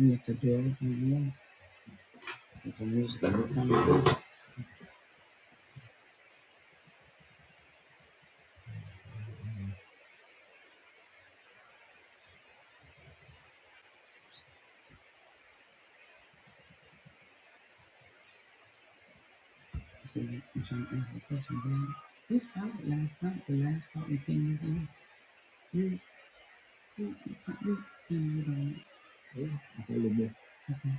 Mr. Derek McGill is a musical newcomer. He's a musician and last night, the last part we came in You, you, you, you, yeah, Okay.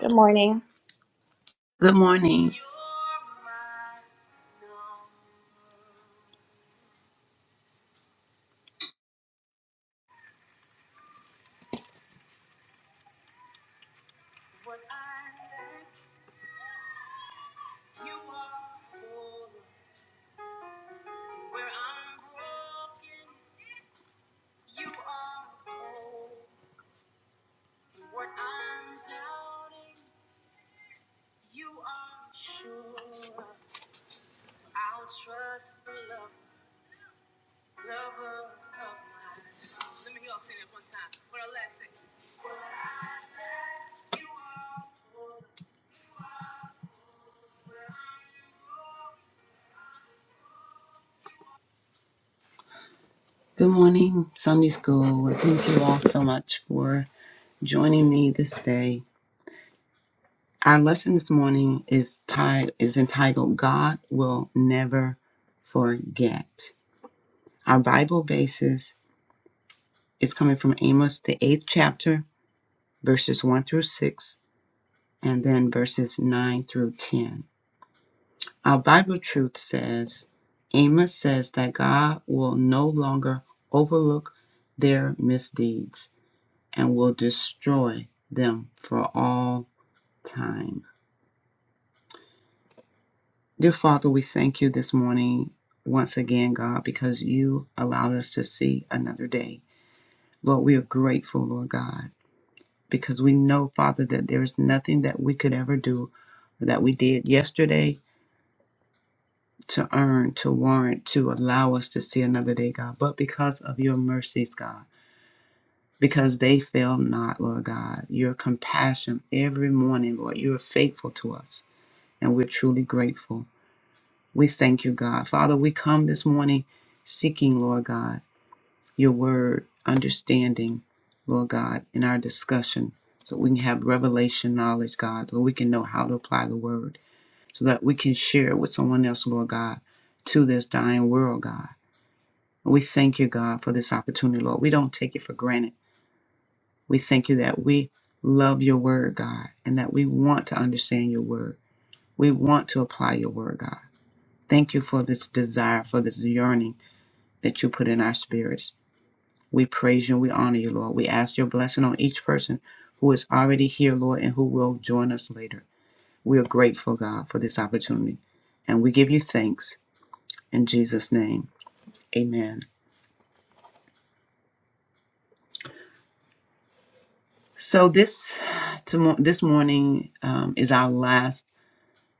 Good morning. Good morning. Good morning, Sunday School. Thank you all so much for joining me this day. Our lesson this morning is tied is entitled God Will Never Forget. Our Bible basis is coming from Amos, the eighth chapter, verses 1 through 6, and then verses 9 through 10. Our Bible truth says Amos says that God will no longer overlook their misdeeds and will destroy them for all time. Dear Father, we thank you this morning once again, God, because you allowed us to see another day. Lord, we are grateful, Lord God, because we know, Father, that there is nothing that we could ever do that we did yesterday to earn, to warrant, to allow us to see another day, God, but because of your mercies, God, because they fail not, Lord God. Your compassion every morning, Lord, you are faithful to us, and we're truly grateful. We thank you, God. Father, we come this morning seeking, Lord God, your word, understanding, Lord God, in our discussion, so we can have revelation knowledge, God, so we can know how to apply the word, so that we can share it with someone else, Lord God, to this dying world, God. We thank you, God, for this opportunity, Lord. We don't take it for granted. We thank you that we love your word, God, and that we want to understand your word. We want to apply your word, God. Thank you for this desire, for this yearning that you put in our spirits. We praise you and we honor you, Lord. We ask your blessing on each person who is already here, Lord, and who will join us later. We are grateful, God, for this opportunity. And we give you thanks in Jesus' name. Amen. So this tomo- this morning um, is our last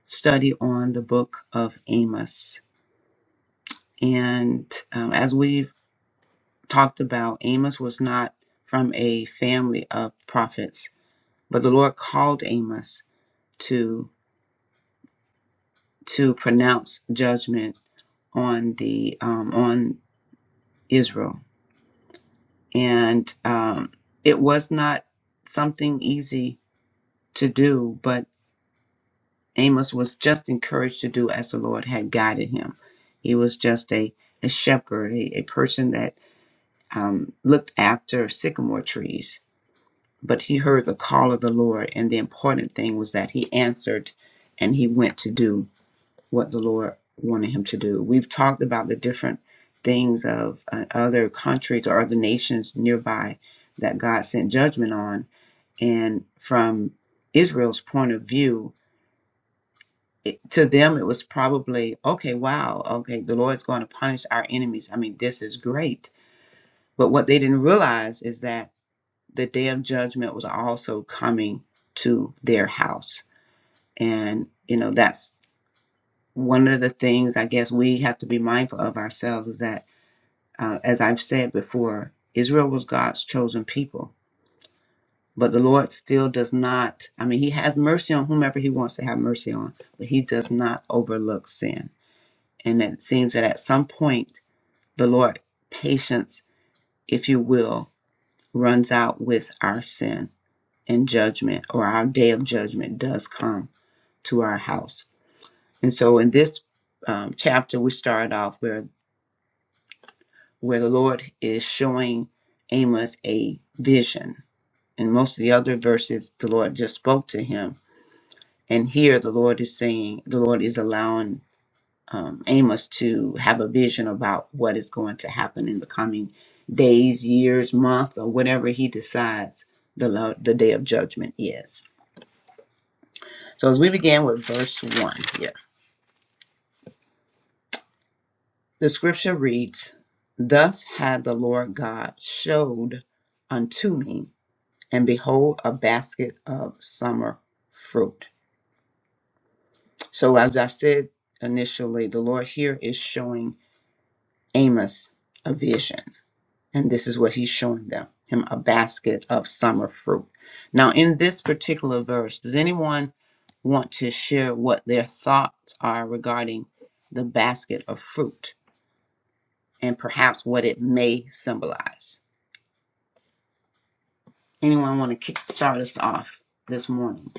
study on the book of Amos, and um, as we've talked about, Amos was not from a family of prophets, but the Lord called Amos to to pronounce judgment on the um, on Israel, and um, it was not something easy to do, but Amos was just encouraged to do as the Lord had guided him. He was just a, a shepherd, a, a person that um, looked after sycamore trees. But he heard the call of the Lord, and the important thing was that he answered and he went to do what the Lord wanted him to do. We've talked about the different things of uh, other countries or other nations nearby that God sent judgment on. And from Israel's point of view, it, to them it was probably okay wow okay the lord's going to punish our enemies i mean this is great but what they didn't realize is that the day of judgment was also coming to their house and you know that's one of the things i guess we have to be mindful of ourselves is that uh, as i've said before israel was god's chosen people but the lord still does not i mean he has mercy on whomever he wants to have mercy on but he does not overlook sin And it seems that at some point, the Lord, patience, if you will, runs out with our sin and judgment, or our day of judgment does come to our house. And so in this um, chapter, we start off where, where the Lord is showing Amos a vision. In most of the other verses, the Lord just spoke to him. And here the Lord is saying, the Lord is allowing um, Amos to have a vision about what is going to happen in the coming days, years, month, or whatever he decides the lo- the day of judgment is. So as we begin with verse one here, the scripture reads, "Thus had the Lord God showed unto me, and behold, a basket of summer fruit." So as I said initially, the Lord here is showing Amos a vision And this is what he's showing them him a basket of summer fruit. Now, in this particular verse, does anyone want to share what their thoughts are regarding the basket of fruit and perhaps what it may symbolize? Anyone want to kick start us off this morning?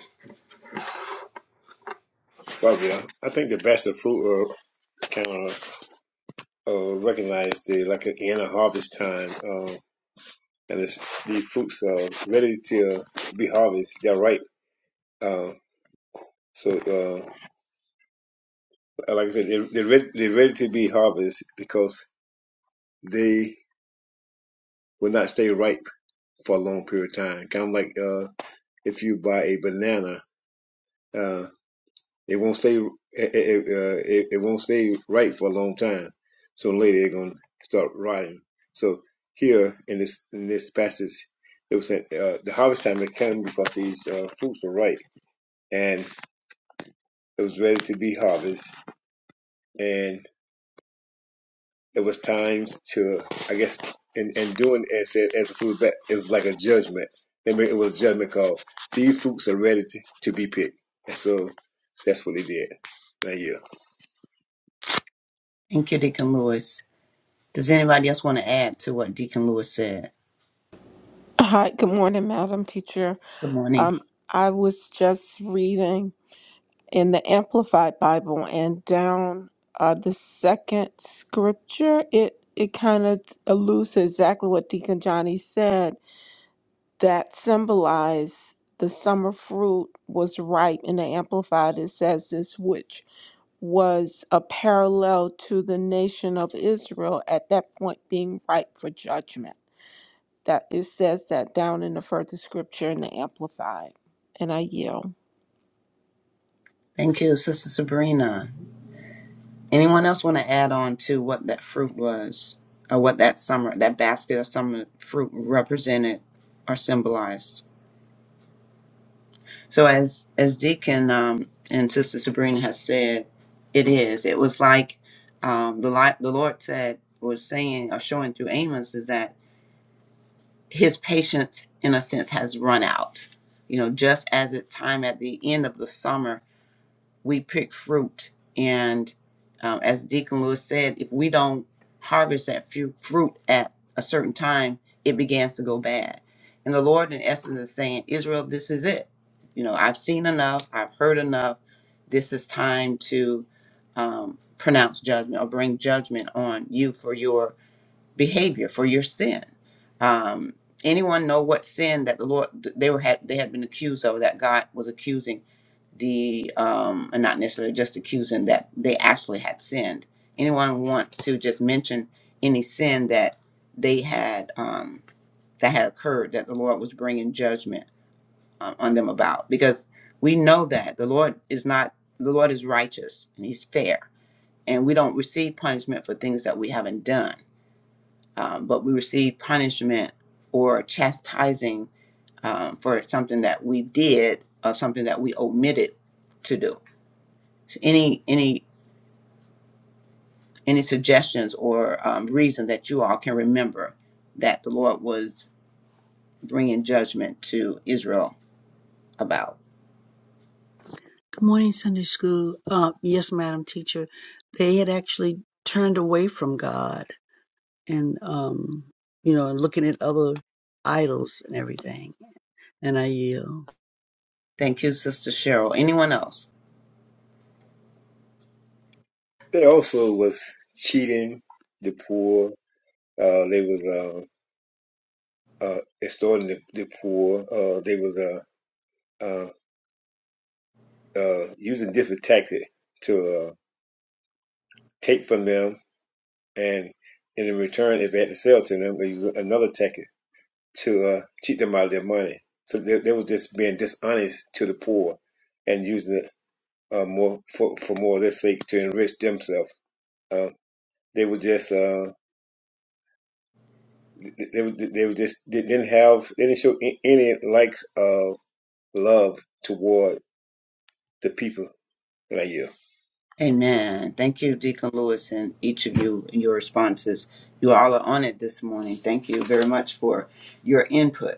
Well, yeah, I think the best of fruit are kind of uh, recognized the like in a harvest time, uh, and it's the fruits are ready to be harvest. They're ripe. Uh, so, uh, like I said, they, they're ready, they're ready to be harvest because they will not stay ripe for a long period of time. Kind of like uh, if you buy a banana. uh, It won't stay. It, it, uh, it, it won't stay right for a long time. So later they're gonna start rotting. So here in this in this passage, it was saying uh, the harvest time had come because these uh, fruits were ripe and it was ready to be harvest, and it was time to I guess and and doing it said as a fruit back it was like a judgment. They made, it was a judgment call. These fruits are ready to, to be picked, and so that's what they did. Now yeah. Thank you, Deacon Lewis. Does anybody else want to add to what Deacon Lewis said? Hi, good morning, Madam Teacher. Good morning. Um, I was just reading in the Amplified Bible and down uh, the second scripture, it, it kind of alludes to exactly what Deacon Johnny said that symbolized the summer fruit was ripe in the Amplified. It says this, which was a parallel to the nation of Israel at that point being ripe for judgment that it says that down in the further scripture in the amplified and i yield Thank you, Sister Sabrina. Anyone else want to add on to what that fruit was, or what that summer, that basket of summer fruit represented or symbolized? So, as as Deacon um, and Sister Sabrina has said, it is. It was like um, the li- the Lord said was saying or showing through Amos is that His patience, in a sense, has run out. You know, just as it's time at the end of the summer we pick fruit. And um, as Deacon Lewis said, if we don't harvest that fu- fruit at a certain time, it begins to go bad. And the Lord, in essence, is saying, Israel, this is it. You know, I've seen enough, I've heard enough. This is time to um, pronounce judgment or bring judgment on you for your behavior for your sin. Um, anyone know what sin that the Lord they were had they had been accused of that God was accusing the um, and not necessarily just accusing that they actually had sinned. Anyone want to just mention any sin that they had um, that had occurred that the Lord was bringing judgment um, on them about? Because we know that the Lord is not the Lord is righteous and He's fair, and we don't receive punishment for things that we haven't done um, but we receive punishment or chastising um, for something that we did or something that we omitted to do. So any any any suggestions or um, reason that you all can remember that the Lord was bringing judgment to Israel about? Good morning, Sunday school. Uh, yes, Madam Teacher. They had actually turned away from God and, um, you know, and looking at other idols and everything. And I yield. Thank you, Sister Cheryl. Anyone else? They also was cheating the poor. Uh, they was uh, uh, extorting the, the poor. Uh, they was uh, uh, uh, using different tactics to uh, take from them, and in return, if they had to sell to them, they used another tactic to uh, cheat them out of their money. So they, they was just being dishonest to the poor and using it uh, more for, for more of their sake to enrich themselves. Uh, they were just uh, They were- they were just they didn't have they didn't show any likes of love toward the people like you. Amen. Thank you, Deacon Lewis, and each of you and your responses. You all are on it this morning. Thank you very much for your input.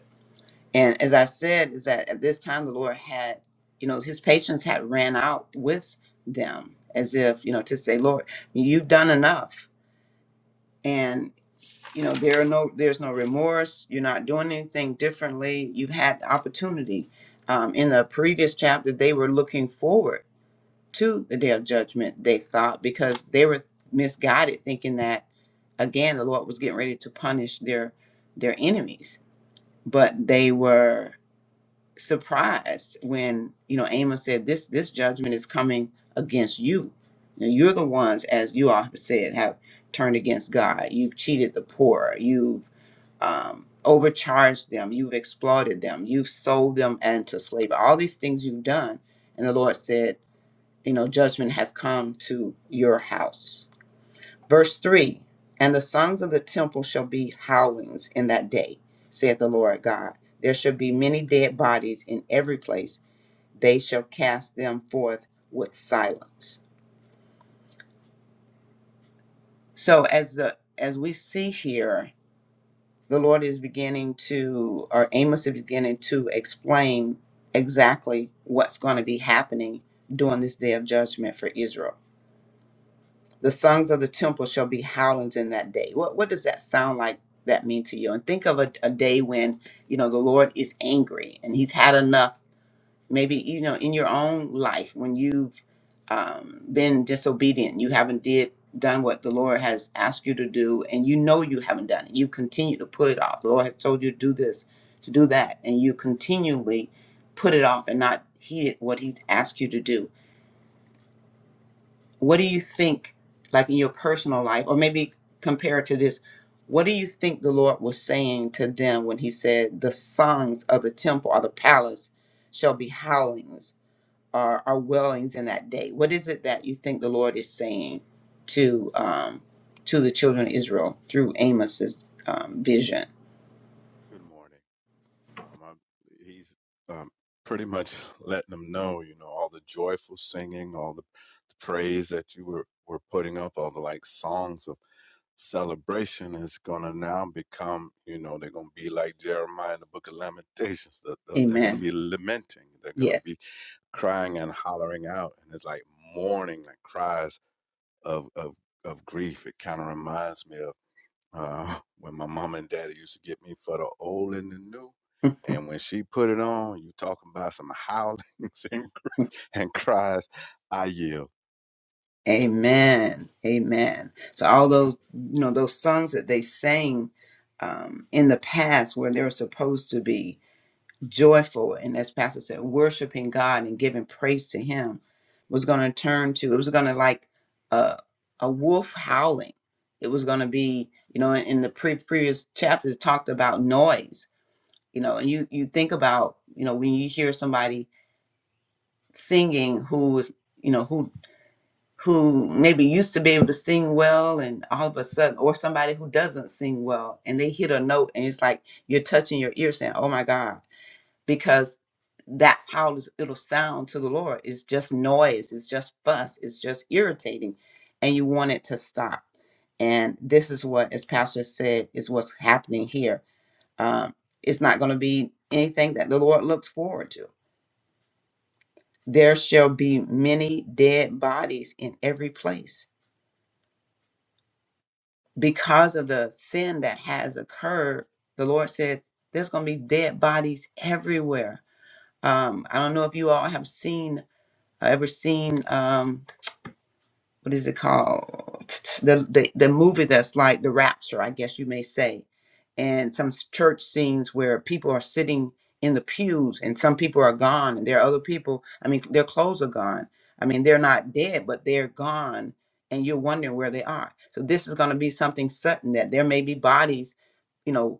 And as I said, is that at this time the Lord had, you know, his patience had ran out with them, as if, you know, to say, Lord, you've done enough. And, you know, there are no there's no remorse. You're not doing anything differently. You've had the opportunity. Um, in the previous chapter, they were looking forward to the day of judgment, they thought, because they were misguided, thinking that again the Lord was getting ready to punish their their enemies. But they were surprised when you know Amos said this this judgment is coming against you. You know, you're the ones, as you all have said, have turned against God. You've cheated the poor. You've um, overcharged them. You've exploited them. You've sold them into slavery. All these things you've done, and the Lord said, you know, judgment has come to your house. Verse three. And the songs of the temple shall be howlings in that day, saith the Lord God. There shall be many dead bodies in every place they shall cast them forth with silence. So as the as we see here, the Lord is beginning to or Amos is beginning to explain exactly what's going to be happening during this day of judgment for Israel. The songs of the temple shall be howlings in that day. What what does that sound like that mean to you? And think of a, a day when, you know, the Lord is angry and he's had enough maybe you know in your own life when you've um, been disobedient you haven't did done what the lord has asked you to do and you know you haven't done it you continue to put it off the lord has told you to do this to do that and you continually put it off and not heed what he's asked you to do what do you think like in your personal life or maybe compare it to this what do you think the lord was saying to them when he said the songs of the temple or the palace shall be howlings our, our wellings in that day. What is it that you think the Lord is saying to um, to the children of Israel through Amos's um, vision? Good morning. Um, I, he's um, pretty much letting them know, you know, all the joyful singing, all the praise that you were, were putting up, all the like songs of celebration is going to now become, you know, they're going to be like Jeremiah in the book of Lamentations. That that They're going to Amen. be lamenting. They're going to Yes. be crying and hollering out. And it's like mourning, like cries of, of, of grief. It kind of reminds me of uh, when my mom and daddy used to get me for the old and the new. And when she put it on, you talking about some howlings and, cr- and cries. I yield. Amen. Amen. So all those you know those songs that they sang um, in the past where they were supposed to be joyful and as pastor said worshiping god and giving praise to him was going to turn to it was going to like a, a wolf howling it was going to be you know in, in the pre- previous chapter it talked about noise you know and you you think about you know when you hear somebody singing who is you know who who maybe used to be able to sing well and all of a sudden or somebody who doesn't sing well and they hit a note and it's like you're touching your ear saying oh my god because that's how it'll sound to the Lord. It's just noise, it's just fuss, it's just irritating, and you want it to stop. And this is what, as Pastor said, is what's happening here. Um, it's not going to be anything that the Lord looks forward to. There shall be many dead bodies in every place because of the sin that has occurred. The Lord said, There's going to be dead bodies everywhere. Um, I don't know if you all have seen I ever seen um what is it called the the the movie that's like the rapture I guess you may say and some s- church scenes where people are sitting in the pews and some people are gone and there are other people I mean their clothes are gone I mean they're not dead but they're gone and you're wondering where they are so this is going to be something sudden that there may be bodies you know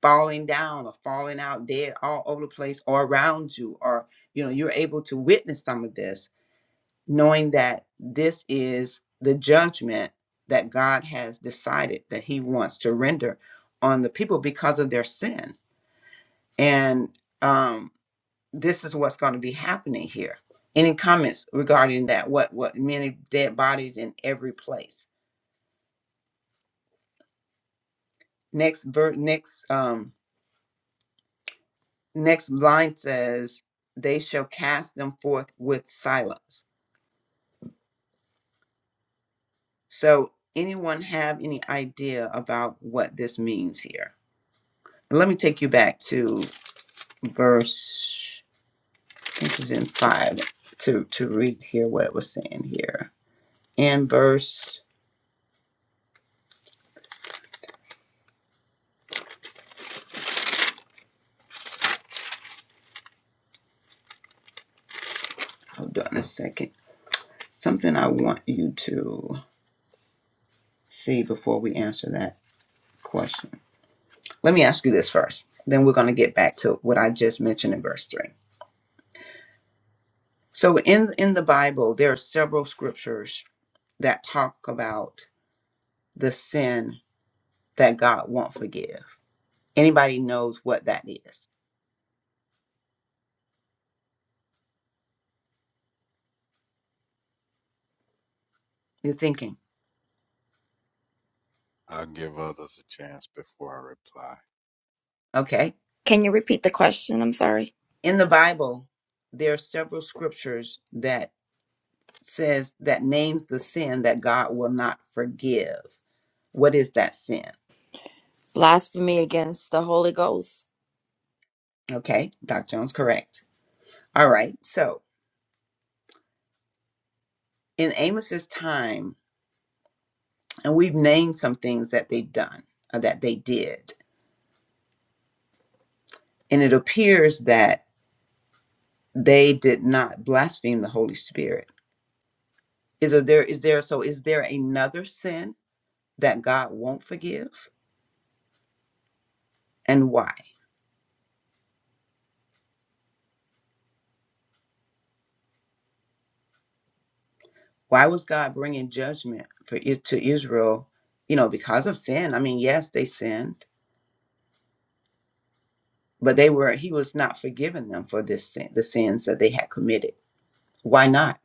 falling down or falling out dead all over the place or around you or you know you're able to witness some of this knowing that this is the judgment that God has decided that He wants to render on the people because of their sin. And um, this is what's going to be happening here. Any comments regarding that? What what many dead bodies in every place? Next ver- next um, next line says, "They shall cast them forth with silence." So, anyone have any idea about what this means here? let me take you back to verse, I think it's in five, to, to read here what it was saying here. In verse, hold on a second, something I want you to see before we answer that question. Let me ask you this first, then we're going to get back to what I just mentioned in verse 3. So in, in the Bible, there are several scriptures that talk about the sin that God won't forgive. Anybody knows what that is? You're thinking, I'll give others a chance before I reply. okay, Can you repeat the question? I'm sorry. in the bible there are several scriptures that says that names the sin that god will not forgive what is that sin Blasphemy against the Holy Ghost. okay doc jones correct all right so in amos's time and we've named some things that they've done uh, that they did and it appears that they did not blaspheme the holy spirit is there is there so is there another sin that god won't forgive and why Why was God bringing judgment for it to Israel? You know, because of sin. I mean, yes, they sinned, but they were He was not forgiving them for this sin, the sins that they had committed. Why not?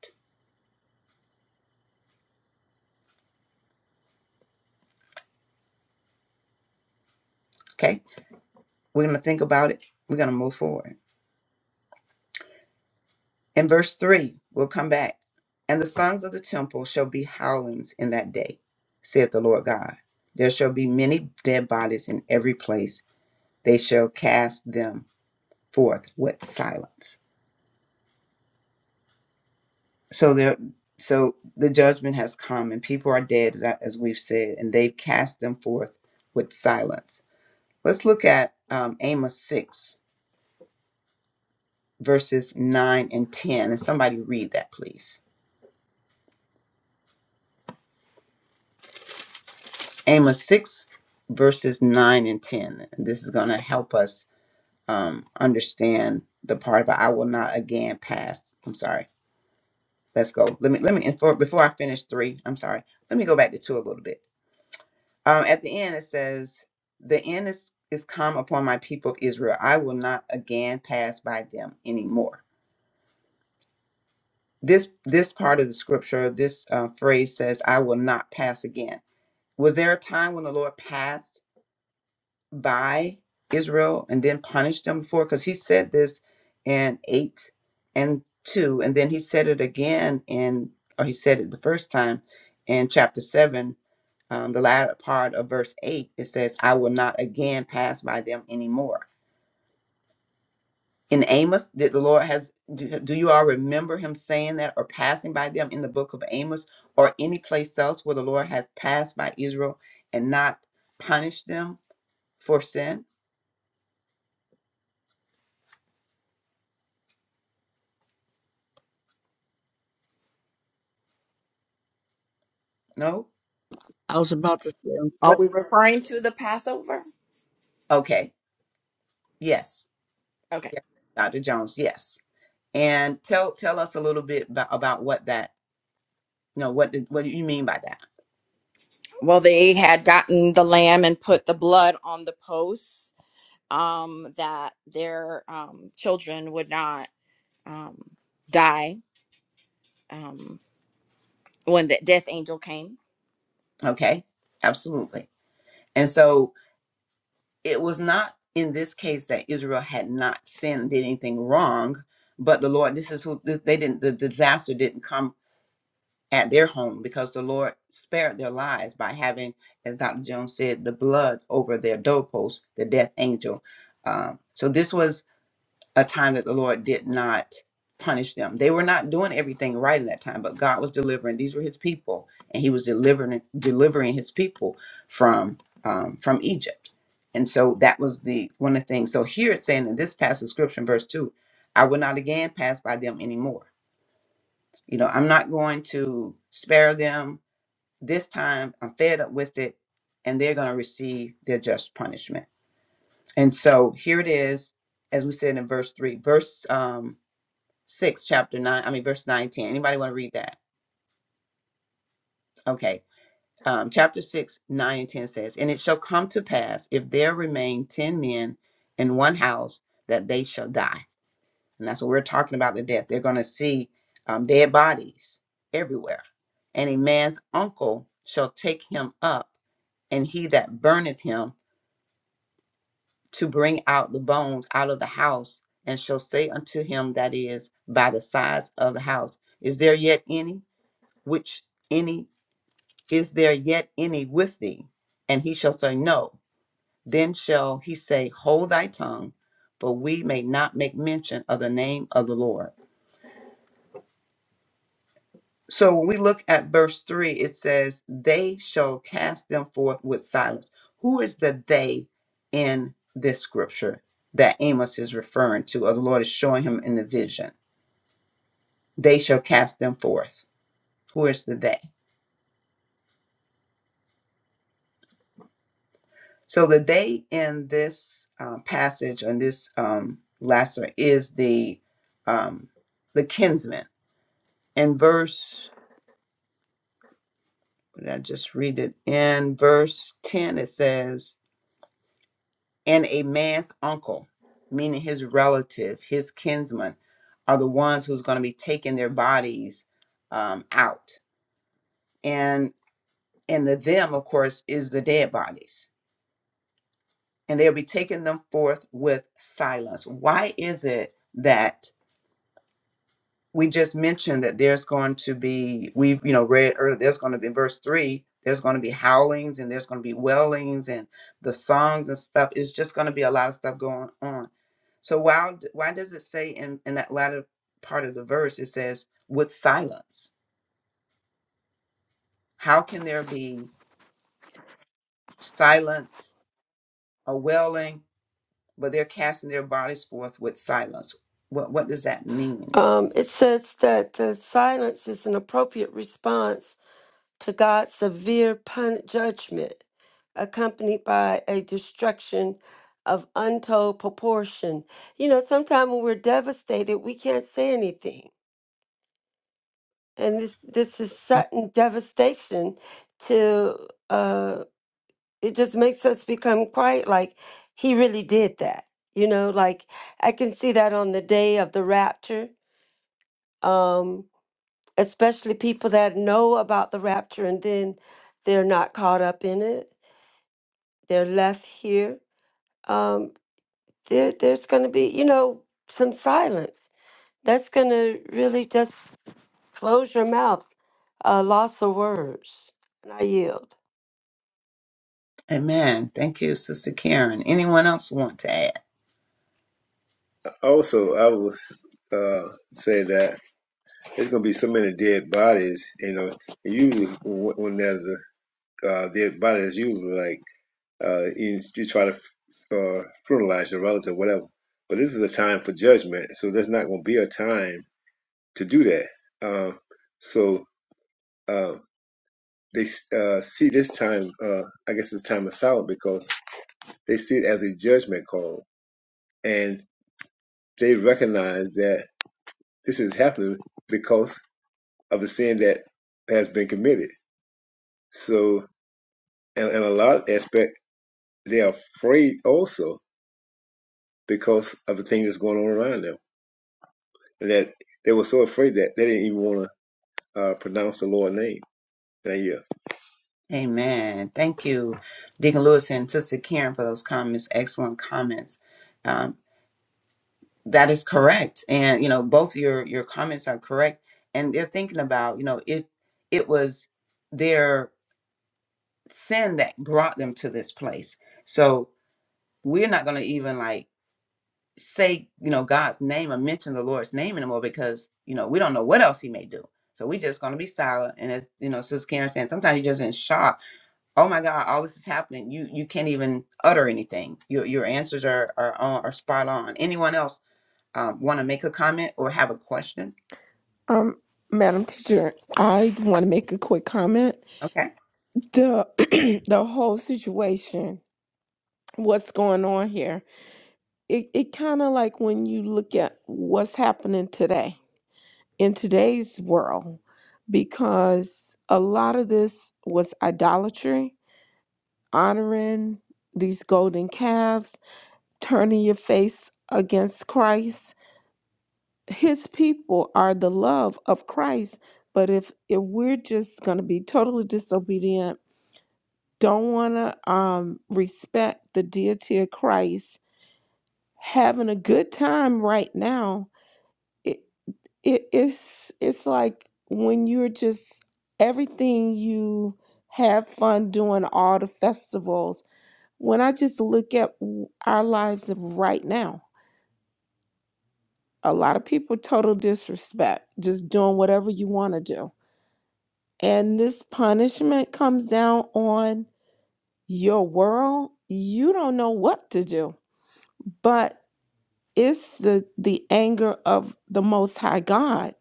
Okay, we're gonna think about it. We're gonna move forward. In verse three, we'll come back. And the sons of the temple shall be howlings in that day, saith the Lord God. There shall be many dead bodies in every place. They shall cast them forth with silence. So there, so the judgment has come, and people are dead, as I- as we've said, and they've cast them forth with silence. Let's look at um, Amos six verses nine and ten, and somebody read that, please. Amos six verses nine and ten. And this is going to help us um, understand the part about I will not again pass. I'm sorry. Let's go. Let me let me and for, before I finish three. I'm sorry. Let me go back to two a little bit. Um, at the end, it says, The end is, is come upon my people of Israel. I will not again pass by them anymore. This, this part of the scripture, this uh, phrase says, I will not pass again. Was there a time when the Lord passed by Israel and then punished them before? Because he said this in 8 and 2, and then he said it again in, or he said it the first time in chapter 7 um, the latter part of verse 8, it says, I will not again pass by them anymore. In Amos, did the Lord has do, do you all remember him saying that or passing by them in the book of Amos or any place else where the Lord has passed by Israel and not punished them for sin? No? I was about to say, um, Are What we referring to the Passover? okay. Yes. Okay. Yes, Dr. Jones, yes. And tell tell us a little bit about, about what that, you know, what did, what do you mean by that? Well, they had gotten the lamb and put the blood on the posts um, that their um, children would not um, die um, when the death angel came. Okay? Absolutely. And so it was not in this case that Israel had not sinned, did anything wrong, but the Lord, this is who this, they didn't, the disaster didn't come at their home because the Lord spared their lives by having, as Dr. Jones said, the blood over their doorpost, the death angel. Um, so this was a time that the Lord did not punish them. They were not doing everything right in that time, but God was delivering. These were His people, and He was delivering delivering His people from um, from Egypt. And so that was the one of the things. So here it's saying in this passage of scripture, in verse two, I will not again pass by them anymore. You know, I'm not going to spare them this time. I'm fed up with it, and they're going to receive their just punishment. And so here it is, as we said in verse three. Verse um, 6, chapter 9, I mean, verse 9 and 10. Anybody want to read that? Okay. Um, chapter 6, 9 and 10 says, And it shall come to pass, if there remain 10 men in one house, that they shall die. And that's what we're talking about the death. They're going to see um, dead bodies everywhere. And a man's uncle shall take him up, and he that burneth him to bring out the bones out of the house, and shall say unto him that is by the sides of the house, Is there yet any? which any is there yet any with thee? And he shall say, No. Then shall he say, Hold thy tongue, for we may not make mention of the name of the Lord. So when we look at verse 3, it says, They shall cast them forth with silence. Who is the they in this scripture that Amos is referring to, or the Lord is showing him in the vision? They shall cast them forth. Who is the they? So the they in this uh, passage on this um, lesser is the um, the kinsman. In verse, what did I just read it? In verse ten, it says, "And a man's uncle, meaning his relative, his kinsman, are the ones who's going to be taking their bodies um, out." And and the them, of course, is the dead bodies, and they'll be taking them forth with silence. Why is it that? we just mentioned that there's going to be we've you know read earlier there's going to be in verse three there's going to be howlings and there's going to be wailings and the songs and stuff it's just going to be a lot of stuff going on so why d- why does it say in in that latter part of the verse it says with silence how can there be silence or wailing but they're casting their bodies forth with silence what what does that mean Um, it says that the silence is an appropriate response to God's severe pun- judgment, accompanied by a destruction of untold proportion. You know, sometimes when we're devastated, we can't say anything, and this this is sudden devastation. To uh, it just makes us become quiet. Like he really did that. You know, like I can see that on the day of the rapture. um, especially people that know about the rapture and then they're not caught up in it they're left here um there there's going to be you know some silence that's going to really just close your mouth uh, loss of words and i yield amen thank you sister karen anyone else want to add Also, I would uh, say that there's gonna be so many dead bodies. You know, usually when when there's a uh, dead body, it's usually like uh, you, you try to f- uh, fertilize your relative, or whatever. But this is a time for judgment, so there's not gonna be a time to do that. Uh, so. Uh, they uh, see this time, uh, I guess it's time of silence because they see it as a judgment call, and they recognize that this is happening because of the sin that has been committed. So, and, and a lot of aspect, they're afraid also because of the thing that's going on around them, and that they were so afraid that they didn't even want to uh, pronounce the Lord's name. And yeah, Amen. Thank you, Deacon Lewis and Sister Karen, for those comments. Excellent comments. Um, that is correct, and you know both your your comments are correct. And they're thinking about you know it it was their sin that brought them to this place. So we're not going to even like say you know god's name or mention the lord's name anymore because you know we don't know what else he may do so we just going to be silent and as you know sister karen saying sometimes you're just in shock oh my god all this is happening you you can't even utter anything your your answers are are on are spot on anyone else um, want to make a comment or have a question um madam teacher i want to make a quick comment okay the the whole situation what's going on here it, it kind of like when you look at what's happening today in today's world because a lot of this was idolatry honoring these golden calves turning your face against christ his people are the love of Christ. But if if we're just going to be totally disobedient, don't want to um, respect the deity of Christ, having a good time right now, it, it it's it's like when you're just everything you have fun doing all the festivals. When I just look at w- our lives of right now, a lot of people total disrespect, just doing whatever you want to do and this punishment comes down on your world, you don't know what to do. But it's the the anger of the Most High God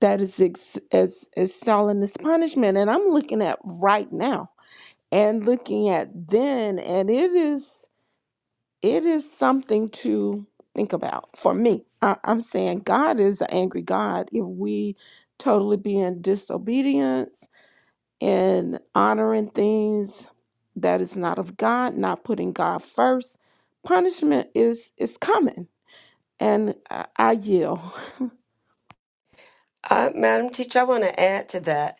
that is ex- is installing this punishment, and I'm looking at right now and looking at then, and it is it is something to think about for me. I, I'm saying God is an angry God if we totally be in disobedience in honoring things that is not of God, not putting God first. Punishment is is coming, and I, I yield. uh, madam teacher i want to add to that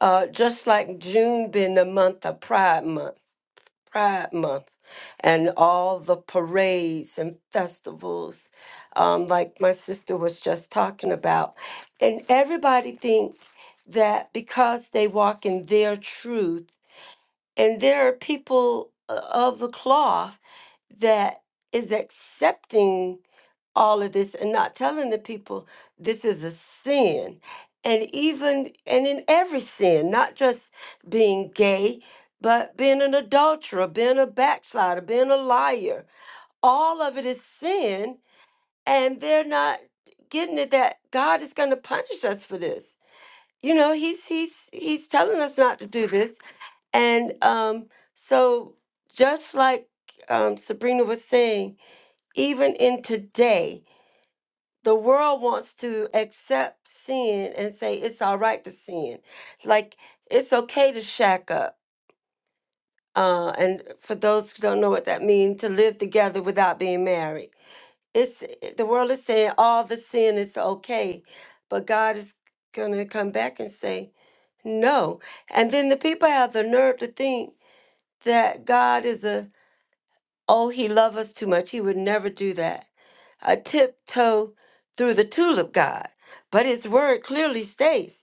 uh, just like june being the month of pride month Pride Month and all the parades and festivals, um, like my sister was just talking about. And everybody thinks that because they walk in their truth, and there are people uh, of the cloth that is accepting all of this and not telling the people this is a sin and even and in every sin not just being gay but being an adulterer being a backslider being a liar all of it is sin and they're not getting it that god is going to punish us for this you know he's he's he's telling us not to do this and um so just like um, sabrina was saying even in today the world wants to accept sin and say it's all right to sin like it's okay to shack up uh, and for those who don't know what that means to live together without being married it's the world is saying all the sin is okay but god is gonna come back and say no and then the people have the nerve to think that god is a oh he loves us too much he would never do that a tiptoe through the tulip god, but his word clearly states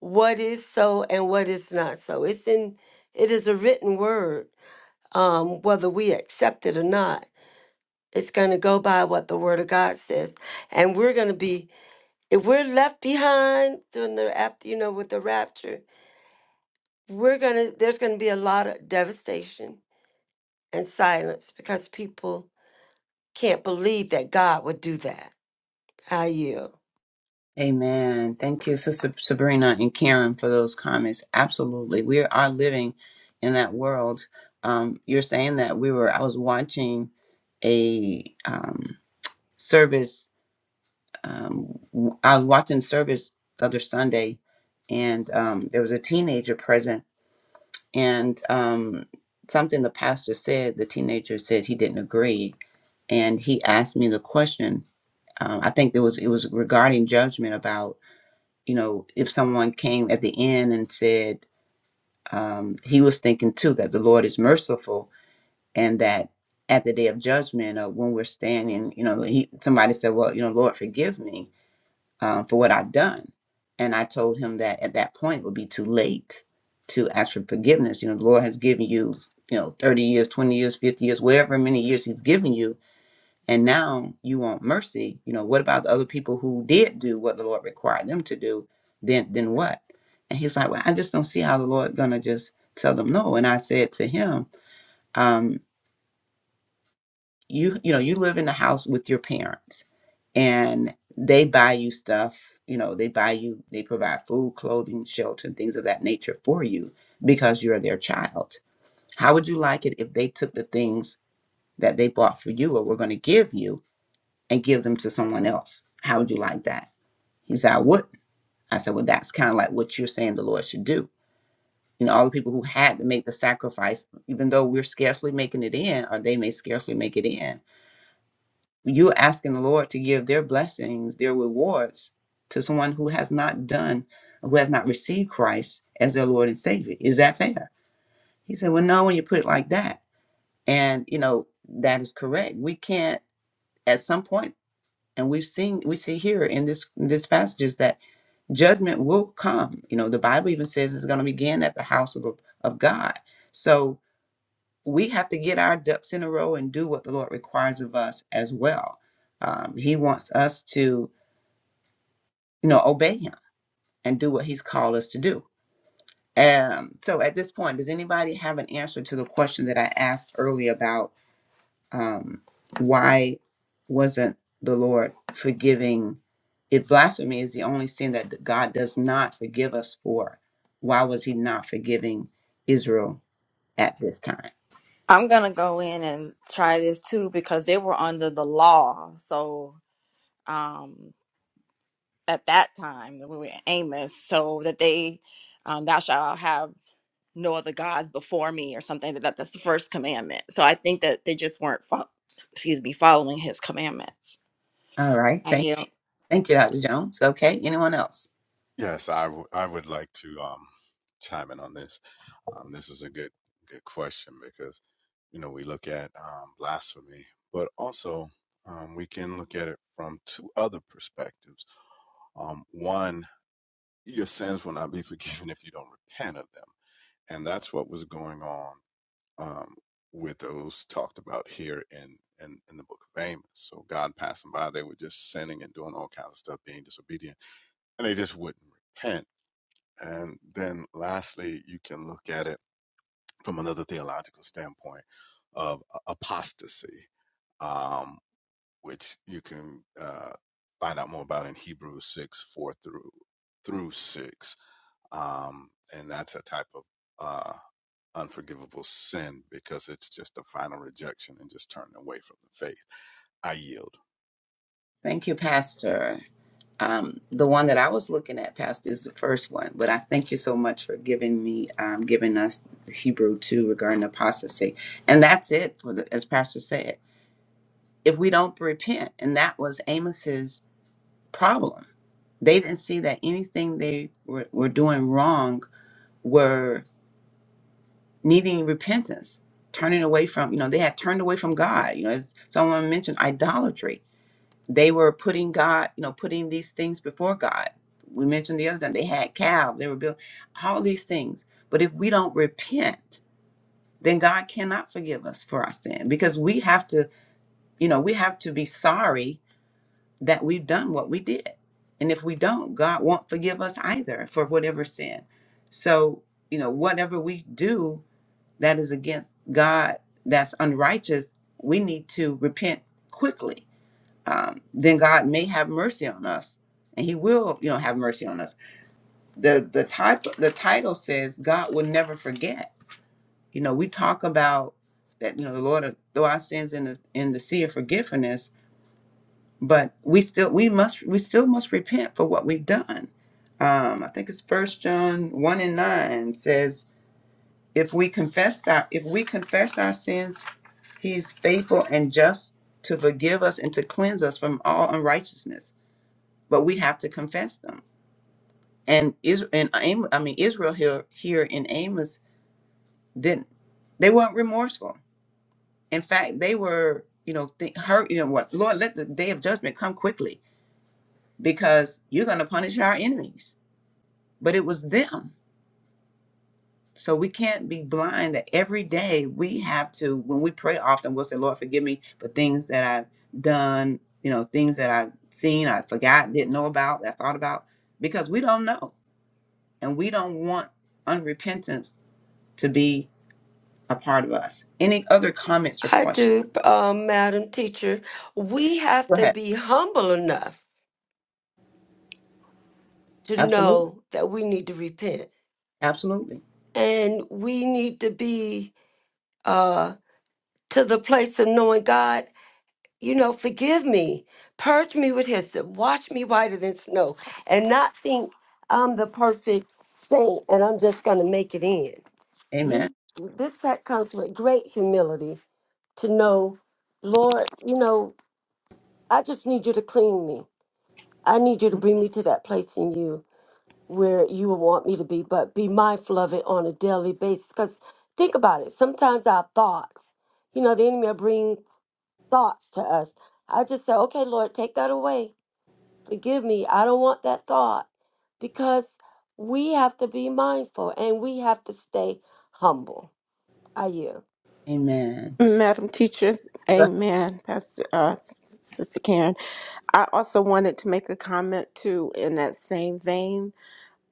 what is so and what is not so. It's in it is a written word, um, whether we accept it or not. It's going to go by what the word of God says, and we're going to be if we're left behind during the after you know with the rapture, we're gonna there's going to be a lot of devastation and silence because people can't believe that God would do that. I yield. Amen. Thank you, Sister Sabrina and Karen, for those comments. Absolutely. We are living in that world. Um, you're saying that we were, I was watching a um, service. Um, w- I was watching service the other Sunday, and um, there was a teenager present. And um, something the pastor said, the teenager said he didn't agree. And he asked me the question. Um, I think it was it was regarding judgment about you know, if someone came at the end and said um, he was thinking too that the Lord is merciful and that at the day of judgment or when we're standing, you know, he somebody said, "Well, you know, Lord, forgive me um, for what I've done," and I told him that at that point it would be too late to ask for forgiveness. You know, the Lord has given you, you know, thirty years, twenty years, fifty years, whatever many years He's given you and now you want mercy you know what about the other people who did do what the lord required them to do then then what and he's like well i just don't see how the lord gonna just tell them no and i said to him um you you know you live in the house with your parents and they buy you stuff you know they buy you they provide food clothing shelter and things of that nature for you because you're their child how would you like it if they took the things that they bought for you or were going to give you and give them to someone else. How would you like that? He said, I wouldn't. I said, Well, that's kind of like what you're saying the Lord should do. You know, all the people who had to make the sacrifice, even though we're scarcely making it in, or they may scarcely make it in, you're asking the Lord to give their blessings, their rewards to someone who has not done, who has not received Christ as their Lord and Savior. Is that fair? He said, Well, no, when you put it like that. And, you know, that is correct. We can't, at some point, and we've seen, we see here in this, in this passages that judgment will come. You know, the Bible even says it's going to begin at the house of, of God. So we have to get our ducks in a row and do what the Lord requires of us as well. Um, he wants us to, you know, obey Him and do what He's called us to do. Um, so at this point, does anybody have an answer to the question that I asked earlier about? um, why wasn't the Lord forgiving? If blasphemy is the only sin that God does not forgive us for, why was He not forgiving Israel at this time? I'm going to go in and try this too because they were under the law. So. Um, at that time when we were in Amos, so that they, um, thou shalt have no other gods before me or something. That that- that's the first commandment. So I think that they just weren't, fo- excuse me, following his commandments. All right, I thank yield. thank you, Dr. Jones. Okay, anyone else? Yes, I, w- I would like to um, chime in on this. Um, this is a good good question because you know we look at um, blasphemy, but also um, we can look at it from two other perspectives. Um, one, your sins will not be forgiven if you don't repent of them and that's what was going on um, with those talked about here in, in in the book of Amos. So God passing by, they were just sinning and doing all kinds of stuff, being disobedient, and they just wouldn't repent. And then lastly, you can look at it from another theological standpoint of apostasy, um, which you can uh, find out more about in Hebrews six four through through six, um, and that's a type of uh, unforgivable sin because it's just a final rejection and just turning away from the faith. I yield. Thank you, Pastor. Um, the one that I was looking at, Pastor, is the first one, but I thank you so much for giving me, um, giving us Hebrew two regarding apostasy, and that's it for the, as Pastor said. if we don't repent. And that was Amos's problem. They didn't see that anything they were, were doing wrong were needing repentance, turning away from, you know, they had turned away from God. You know, as someone mentioned idolatry. They were putting God, you know, putting these things before God. We mentioned the other time they had calves, they were built, all these things. But if we don't repent, then God cannot forgive us for our sin because we have to, you know, we have to be sorry that we've done what we did. And if we don't, God won't forgive us either for whatever sin. So, you know, whatever we do that is against God, that's unrighteous, we need to repent quickly. Um, then God may have mercy on us, and He will, you know, have mercy on us. the the title The title says God will never forget. You know, we talk about that. You know, the Lord, will throw our sins in the in the sea of forgiveness but we still we must we still must repent for what we've done um i think it's first john 1 and 9 says if we confess our if we confess our sins he is faithful and just to forgive us and to cleanse us from all unrighteousness but we have to confess them and is and Am- i mean israel here here in amos didn't they weren't remorseful in fact they were you know think hurt you know what lord let the day of judgment come quickly because you're going to punish our enemies. But it was them. So we can't be blind that every day we have to, when we pray often, we'll say, Lord, forgive me for things that I've done, you know, things that I've seen, I forgot, didn't know about, I thought about, because we don't know. And we don't want unrepentance to be a part of us. Any other comments or I questions? do, uh, Madam Teacher. We have Go to ahead. be humble enough to Absolutely. know that we need to repent. Absolutely. And we need to be uh, to the place of knowing God, you know, forgive me, purge me with hyssop, wash me whiter than snow, and not think I'm the perfect saint and I'm just going to make it in. Amen. You, this that comes with great humility to know, Lord, you know, I just need you to clean me. I need you to bring me to that place in you where you will want me to be, but be mindful of it on a daily basis. Because think about it. Sometimes our thoughts, you know, the enemy will bring thoughts to us. I just say, okay, Lord, take that away. Forgive me. I don't want that thought because we have to be mindful and we have to stay humble. I you. Amen. Madam Teacher, Amen. Pastor uh, Sister Karen, I also wanted to make a comment too in that same vein.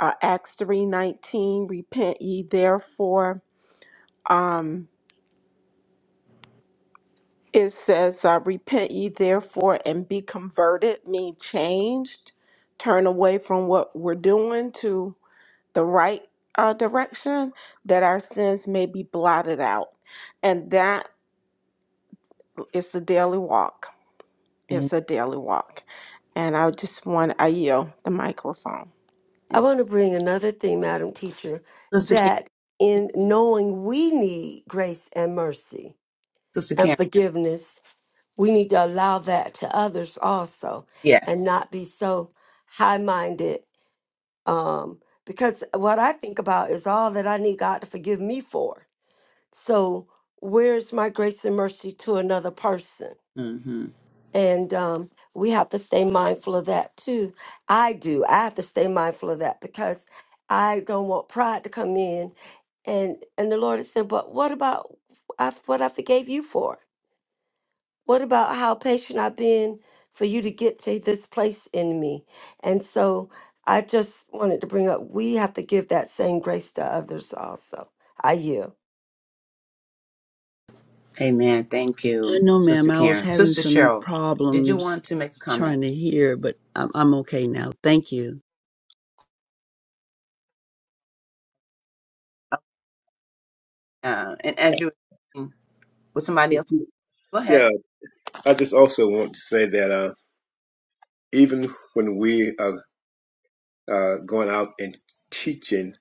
Uh, Acts three nineteen, repent ye therefore. um. It says, uh, Repent ye therefore and be converted, mean changed, turn away from what we're doing to the right uh, direction, that our sins may be blotted out. And that is a daily walk. Amen. It's a daily walk. And I just want, I yield the microphone. I want to bring another thing, Madam Teacher, Sister Karen. that in knowing we need grace and mercy Sister and Karen. forgiveness we need to allow that to others also and Yes. not be so high minded. Um, because what I think about is all that I need God to forgive me for. So, where's my grace and mercy to another person? Mm-hmm. And um, we have to stay mindful of that too. I do. I have to stay mindful of that because I don't want pride to come in. And and the Lord has said, but what about I, what I forgave you for? What about how patient I've been for you to get to this place in me? And so I just wanted to bring up we have to give that same grace to others also. I yield. Amen. Thank I you, know, Sister ma'am, I was Karen. having Sister some Cheryl, did you problems want to make a comment? trying to hear, but I'm, I'm okay now. Thank you. Uh, and as you were with somebody else, Sister- go ahead. yeah, I just also want to say that uh, even when we are uh, going out and teaching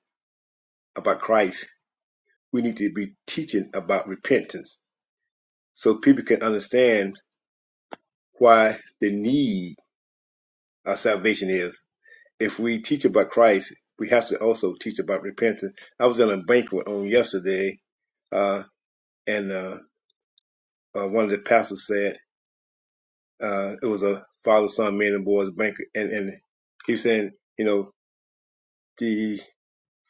about Christ, we need to be teaching about repentance so people can understand why the need of salvation is. If we teach about Christ, we have to also teach about repentance. I was in a banquet on yesterday, uh, and uh, uh, one of the pastors said uh, it was a father, son, man, and boys banquet, and, and he was saying, you know, the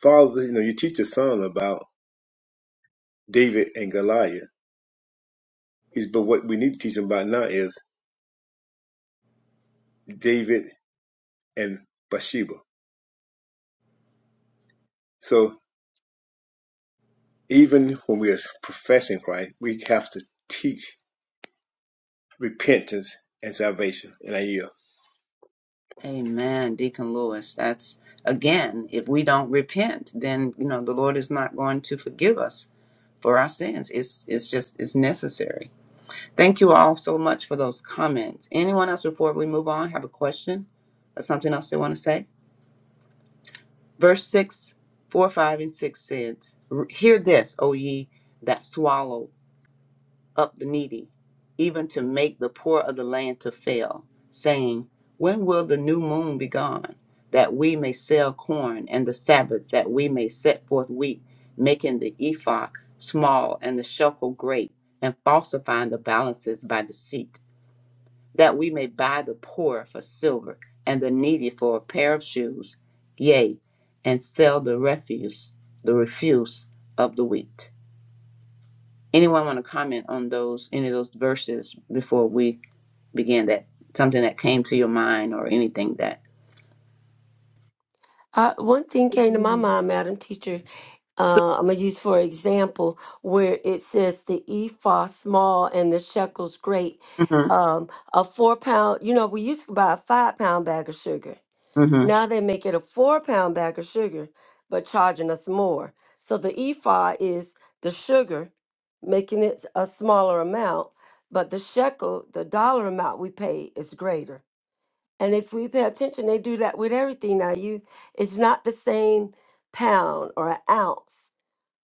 father, you know, you teach your son about David and Goliath Is but what we need to teach them about now is David and Bathsheba. So even when we are professing Christ, we have to teach repentance and salvation. And I yield. Amen, Deacon Lewis. That's again, if we don't repent, then you know the Lord is not going to forgive us for our sins. It's it's just it's necessary. Thank you all so much for those comments. Anyone else before we move on have a question or something else they want to say? Verse six, four, five, and six says, "Hear this, O ye that swallow." up the needy, even to make the poor of the land to fail, saying, When will the new moon be gone, that we may sell corn, and the Sabbath, that we may set forth wheat, making the ephah small and the shekel great, and falsifying the balances by deceit, that we may buy the poor for silver, and the needy for a pair of shoes, yea, and sell the refuse, the refuse of the wheat. Anyone want to comment on those any of those verses before we begin? That something that came to your mind or anything that. Uh, one thing Good came to my morning, mind, Madam Teacher. Uh, I'm going to use for example where it says the ephah small and the shekels great. hmm Um, a four pound, you know, we used to buy a five pound bag of sugar hmm Now they make it a four pound bag of sugar, but charging us more. So the ephah is the sugar, making it a smaller amount, but the shekel, the dollar amount we pay, is greater. And if we pay attention, they do that with everything now. You, it's not the same pound or an ounce,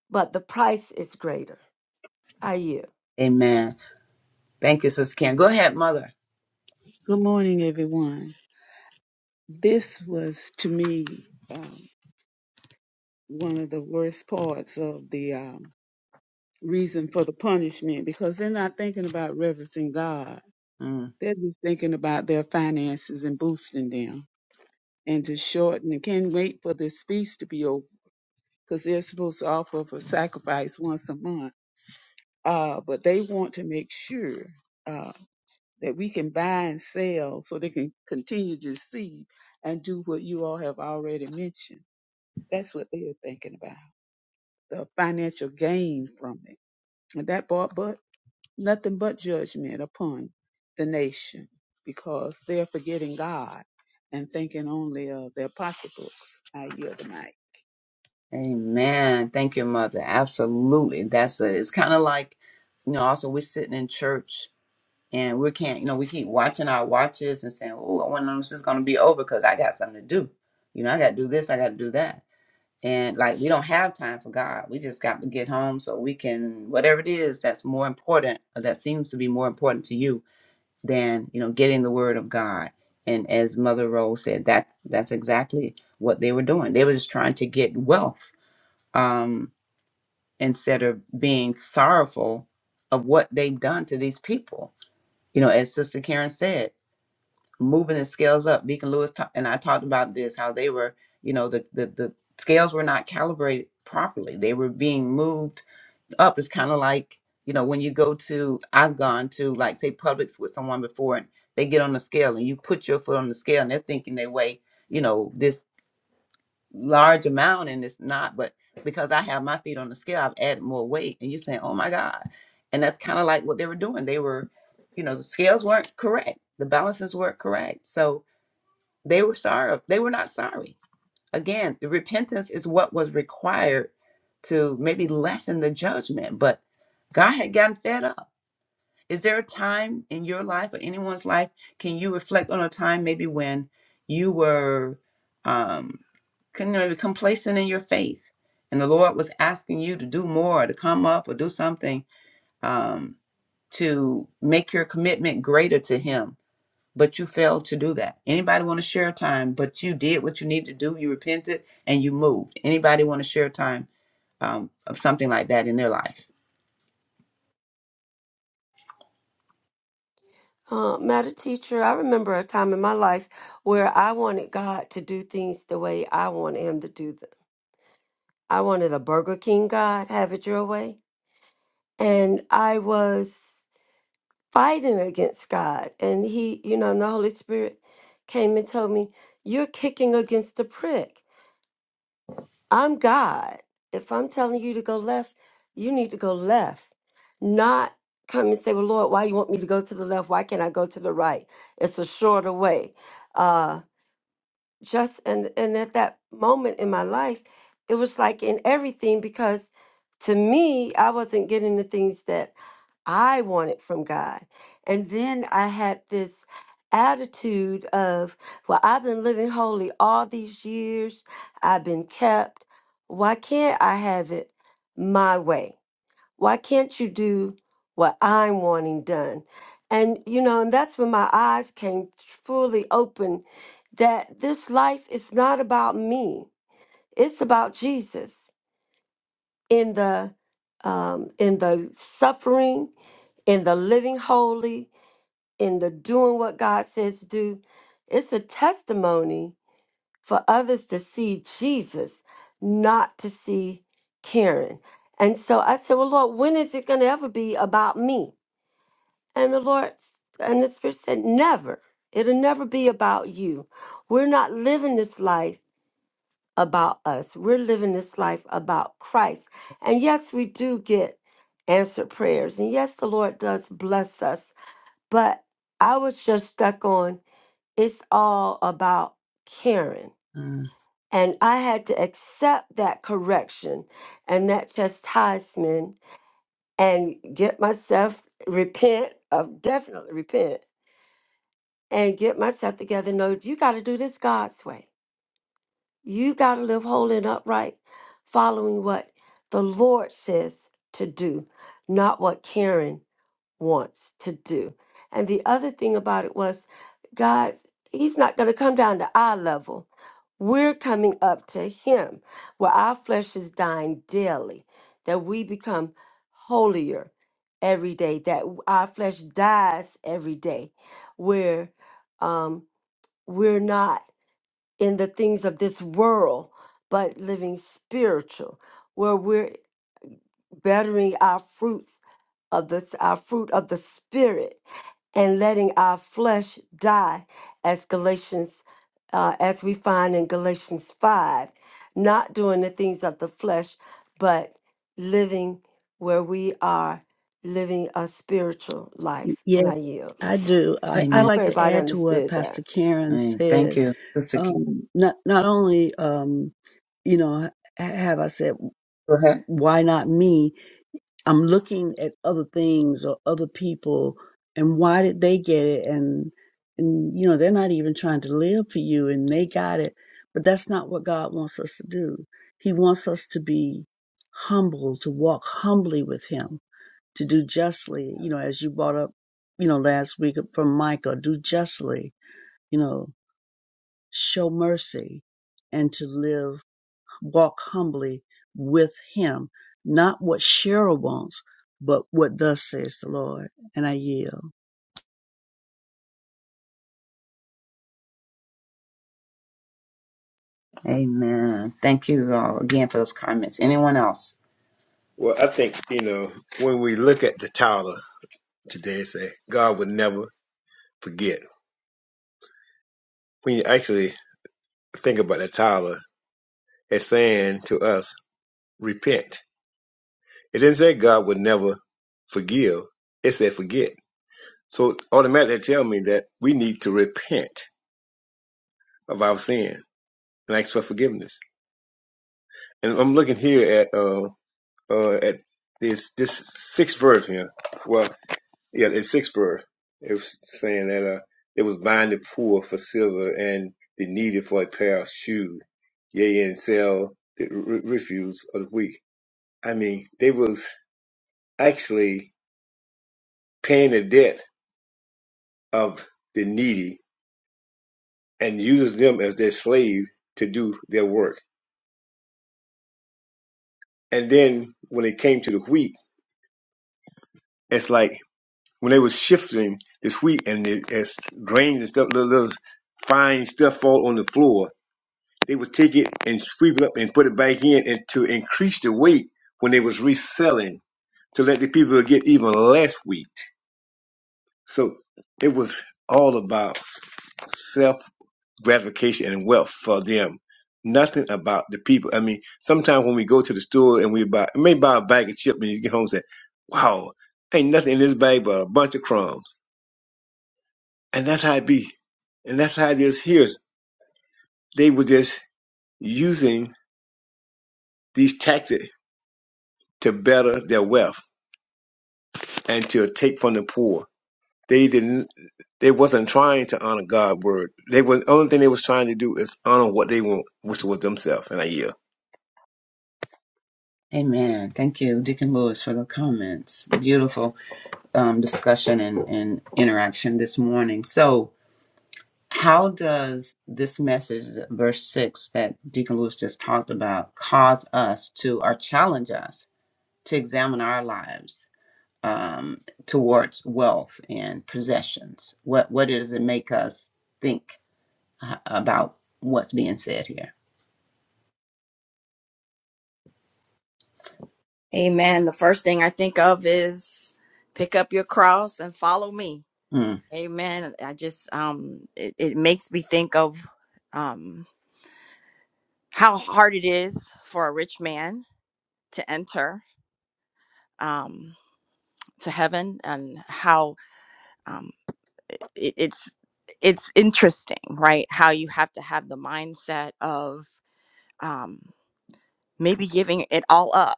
but the price is greater. I you, Amen. Thank you, Sister Karen. Go ahead, Mother. Good morning, everyone. This was to me um, one of the worst parts of the um, reason for the punishment because they're not thinking about reverencing God. Mm. They're just thinking about their finances and boosting them. And to shorten, and can't wait for this feast to be over because they're supposed to offer up a sacrifice once a month. Uh, but they want to make sure. uh, that we can buy and sell so they can continue to see and do what you all have already mentioned. That's what they're thinking about the financial gain from it. And that brought but nothing but judgment upon the nation because they're forgetting God and thinking only of their pocketbooks. I yield the mic. Amen. Thank you, Mother. Absolutely. That's it. It's kind of like you know. Also, we're sitting in church. And we can't, you know, we keep watching our watches and saying, "Oh, I wonder when this is going to be over because I got something to do. You know, I got to do this, I got to do that." And like, we don't have time for God. We just got to get home so we can, whatever it is that's more important, or that seems to be more important to you than, you know, getting the word of God. And as Mother Rose said, that's that's exactly what they were doing. They were just trying to get wealth um, instead of being sorrowful of what they've done to these people. You know, as Sister Karen said, moving the scales up. Deacon Lewis ta- and I talked about this how they were, you know, the, the the scales were not calibrated properly. They were being moved up. It's kind of like you know when you go to I've gone to like say Publix with someone before and they get on the scale and you put your foot on the scale and they're thinking they weigh you know this large amount and it's not, but because I have my feet on the scale, I've added more weight and you're saying, oh my God. And that's kind of like what they were doing. They were, you know, the scales weren't correct. The balances weren't correct. So they were sorry. They were not sorry. Again, the repentance is what was required to maybe lessen the judgment, but God had gotten fed up. Is there a time in your life or anyone's life can you reflect on a time maybe when you were um kind of complacent in your faith and the Lord was asking you to do more, to come up or do something um to make your commitment greater to him but you failed to do that. Anybody want to share a time, but you did what you need to do. You repented and you moved. Anybody want to share a time um, of something like that in their life? uh, matter teacher. I remember a time in my life where I wanted God to do things the way I wanted Him to do them I wanted a Burger King God, have it your way. And I was fighting against God. And he, you know, and the Holy Spirit came and told me, You're kicking against the prick. I'm God. If I'm telling you to go left, you need to go left. Not come and say, Well, Lord, why you want me to go to the left? Why can't I go to the right? It's a shorter way. Uh, just and and at that moment in my life it was like in everything because to me i wasn't getting the things that i wanted from god and then i had this attitude of well i've been living holy all these years i've been kept why can't i have it my way why can't you do what I'm wanting done? And, you know, and that's when my eyes came fully open that this life is not about me. It's about Jesus in the um, in the suffering, in the living holy, in the doing what God says to do. It's a testimony for others to see Jesus, not to see Karen. And so I said, Well, Lord, when is it going to ever be about me? And the Lord s- and the Spirit said, Never. It'll never be about you. We're not living this life about us. We're living this life about Christ. And yes, we do get answered prayers. And yes, the Lord does bless us. But I was just stuck on it's all about Karen. Mm, And I had to accept that correction and that chastisement and get myself repent of definitely repent and get myself together. No, you got to do this God's way. You got to live holy and upright, following what the Lord says to do, not what Karen wants to do. And the other thing about it was, God, He's not going to come down to our level. We're coming up to Him, where our flesh is dying daily, that we become holier every day, that our flesh dies every day, where. Um, we're not in the things of this world, but living spiritual, where we're bettering our fruits of this our fruit of the spirit and letting our flesh die as galatians uh, as we find in galatians 5 not doing the things of the flesh but living where we are living a spiritual life and Yes, i yield I do. I, i I'd amen. hope like to everybody add to what understood Pastor that Karen Mm, Thank said. you, Sister. Kim. Um, not, not only, um, you know, ha- have I said, Go ahead. why not me? I'm looking at other things or other people and why did they get it and and you know they're not even trying to live for you and they got it but that's not what God wants us to do. He wants us to be humble, to walk humbly with him, to do justly, you know, as you brought up, you know, last week from Micah, do justly, you know, show mercy and to live walk humbly with him, not what Cheryl wants, but what thus says the Lord. And I yield. Amen. Thank you all again for those comments. Anyone else? Well, I think you know when we look at the title today, and say God will never forget. When you actually think about the title, it's saying to us, repent. It didn't say God would never forgive. It said forget. So automatically tell me that we need to repent of our sin and ask for forgiveness. And I'm looking here at uh, uh, at this this sixth verse here. Well, yeah, it's sixth verse. It was saying that uh, it was buying the poor for silver and the needy for a pair of shoes. Yea, and sell the re- refuse of the weak. I mean, they was actually paying the debt of the needy and using them as their slave to do their work. And then when it came to the wheat, it's like when they was shifting this wheat and it, as grains and stuff, little, little fine stuff fall on the floor, they would take it and sweep it up and put it back in and to increase the weight when they was reselling to let the people get even less wheat. So it was all about self gratification and wealth for them. Nothing about the people. I mean, sometimes when we go to the store and we buy, may buy a bag of chips and you get home and say, wow, ain't nothing in this bag but a bunch of crumbs And that's how it be. And that's how it is here. They were just using these tactics to better their wealth and to take from the poor. They didn't they wasn't trying to honor God's word. They were the only thing they was trying to do is honor what they want, which was themselves. And I yield. Amen. Thank you, Deacon Lewis, for the comments. Beautiful um, discussion and, and interaction this morning. So, How does this message, verse 6, that Deacon Lewis just talked about, cause us to or challenge us to examine our lives um, towards wealth and possessions? What, what does it make us think uh, about what's being said here? Amen. The first thing I think of is pick up your cross and follow me. Mm. Amen. I just um, it, it makes me think of um how hard it is for a rich man to enter um to heaven and how um. it, it's it's interesting right how you have to have the mindset of um, maybe giving it all up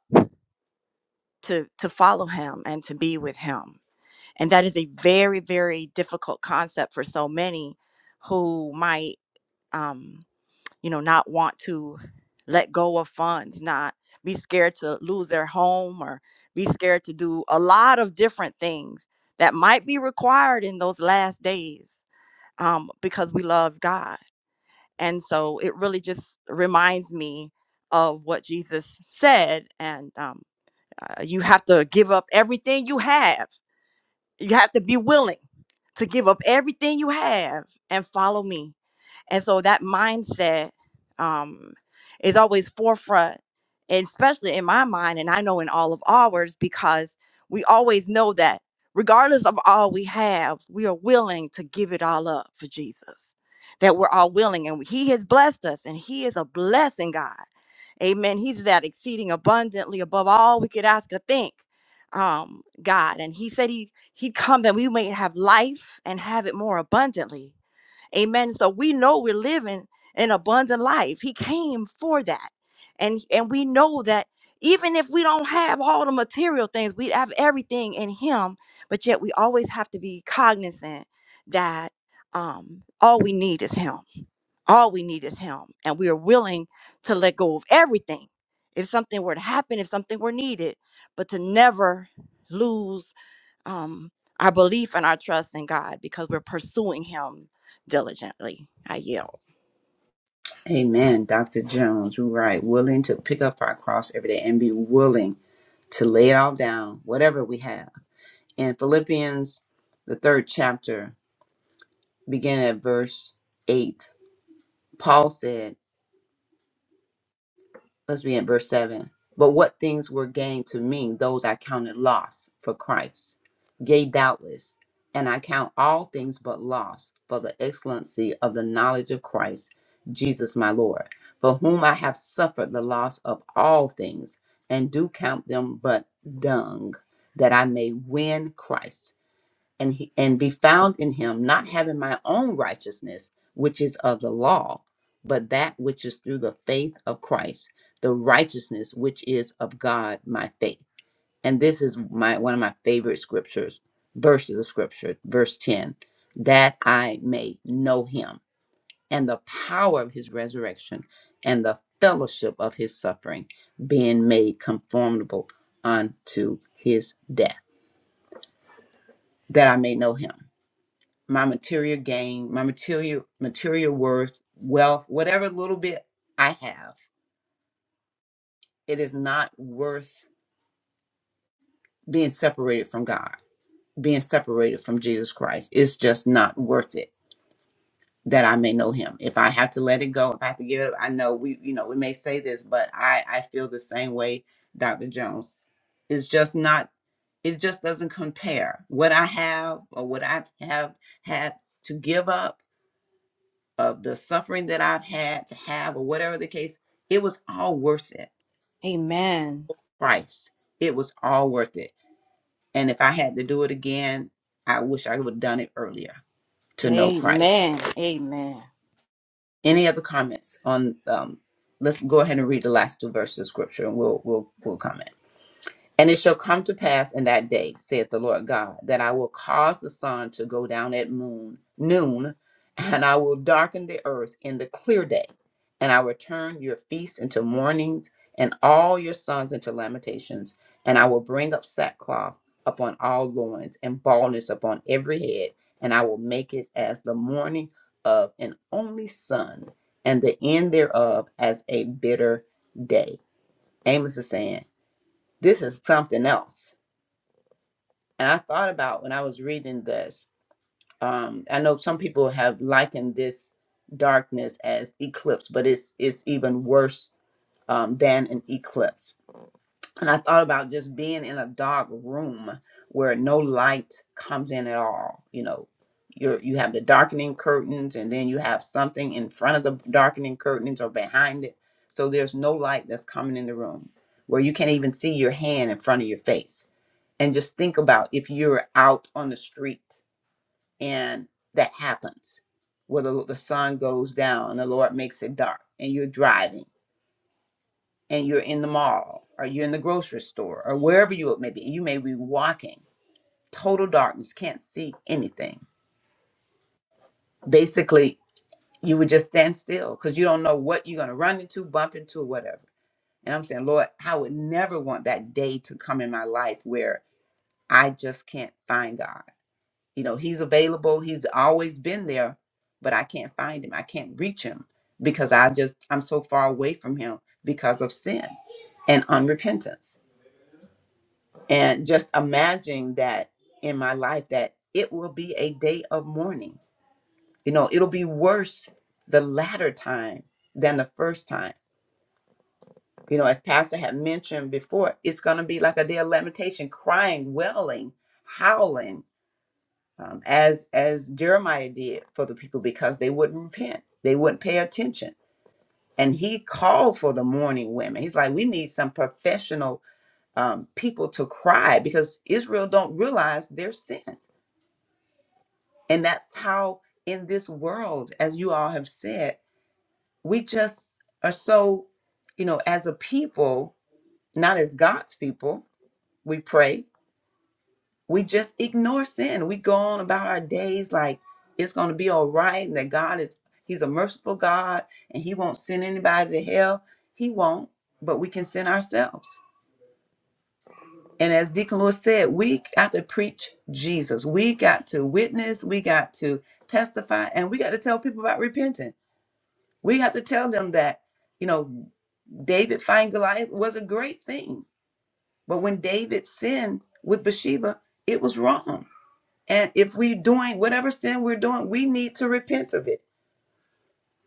to to follow him and to be with him and that is a very very difficult concept for so many who might um, you know not want to let go of funds not be scared to lose their home or be scared to do a lot of different things that might be required in those last days um, because we love god And so it really just reminds me of what Jesus said. And um, uh, you have to give up everything you have, you have to be willing to give up everything you have and follow me. And so that mindset um, is always forefront, and especially in my mind, and I know in all of ours, because we always know that regardless of all we have, we are willing to give it all up for Jesus. That we're all willing, and He has blessed us, and He is a blessing God. Amen. He's that exceeding abundantly above all we could ask or think. Um, God, and He said He he come that we may have life and have it more abundantly. Amen. So we know we're living an abundant life. He came for that. And and we know that even if we don't have all the material things, we have everything in him, but yet we always have to be cognizant that um all we need is him. All we need is him. And we are willing to let go of everything. If something were to happen, if something were needed, but to never lose um, our belief and our trust in God because we're pursuing Him diligently. I yield. Amen, Dr. Jones. You're right. Willing to pick up our cross every day and be willing to lay it all down, whatever we have. In Philippians, the third chapter, beginning at verse 8, Paul said, let's be in verse 7. But what things were gained to me, those I counted loss for Christ. Yea, doubtless, and I count all things but loss for the excellency of the knowledge of Christ, Jesus my Lord, for whom I have suffered the loss of all things, and do count them but dung, that I may win Christ and he, and be found in him not having my own righteousness which is of the law but that which is through the faith of Christ the righteousness which is of God my faith and this is my one of my favorite scriptures verses of scripture verse 10 that I may know him and the power of his resurrection and the fellowship of his suffering being made conformable unto his death that I may know him my material gain, my material material worth, wealth, whatever little bit I have, it is not worth being separated from God, being separated from Jesus Christ. It's just not worth it that I may know him. If I have to let it go, if I have to give it up, I know we you know, we may say this, but I I feel the same way Dr. Jones. It's just not it just doesn't compare what I have or what I have had to give up of the suffering that I've had to have, or whatever the case, it was all worth it. Amen. Christ, it was all worth it. And if I had to do it again, I wish I would have done it earlier to know Christ. Amen. Amen. Any other comments on? Um, let's go ahead and read the last two verses of Scripture, and we'll we'll we'll comment. And it shall come to pass in that day, saith the Lord God, that I will cause the sun to go down at moon, noon, and I will darken the earth in the clear day, and I will turn your feasts into mournings, and all your sons into lamentations, and I will bring up sackcloth upon all loins, and baldness upon every head, and I will make it as the mourning of an only son, and the end thereof as a bitter day. Amos is saying, This is something else and I thought about when I was reading this, um, I know some people have likened this darkness as eclipse, but it's it's even worse um, than an eclipse. And I thought about just being in a dark room where no light comes in at all. You know, you you have the darkening curtains, and then you have something in front of the darkening curtains or behind it. So there's no light that's coming in the room where you can't even see your hand in front of your face and just think about if you're out on the street and that happens where the, the sun goes down and the lord makes it dark and you're driving and you're in the mall or you're in the grocery store or wherever you may be and you may be walking total darkness can't see anything basically you would just stand still because you don't know what you're going to run into bump into or whatever and i'm saying lord i would never want that day to come in my life where i just can't find god You know, he's available. He's always been there, but I can't find him. I can't reach him because I just, I'm so far away from him because of sin and unrepentance. And just imagine that in my life that it will be a day of mourning. You know, it'll be worse the latter time than the first time. You know, as Pastor had mentioned before, it's going to be like a day of lamentation, crying, wailing, howling um, as as Jeremiah did for the people because they wouldn't repent, they wouldn't pay attention, and he called for the mourning women. He's like, we need some professional um, people to cry because Israel don't realize their sin, and that's how in this world, as you all have said, we just are so, you know, as a people, not as God's people, we pray we just ignore sin. We go on about our days like it's going to be all right and that God is, He's a merciful God and He won't send anybody to hell. He won't, but we can send ourselves. And as Deacon Lewis said, we got to preach Jesus. We got to witness. We got to testify and we got to tell people about repenting. We got to tell them that, you know, David fighting Goliath was a great thing. But when David sinned with Bathsheba, it was wrong And if we're doing whatever sin we're doing, we need to repent of it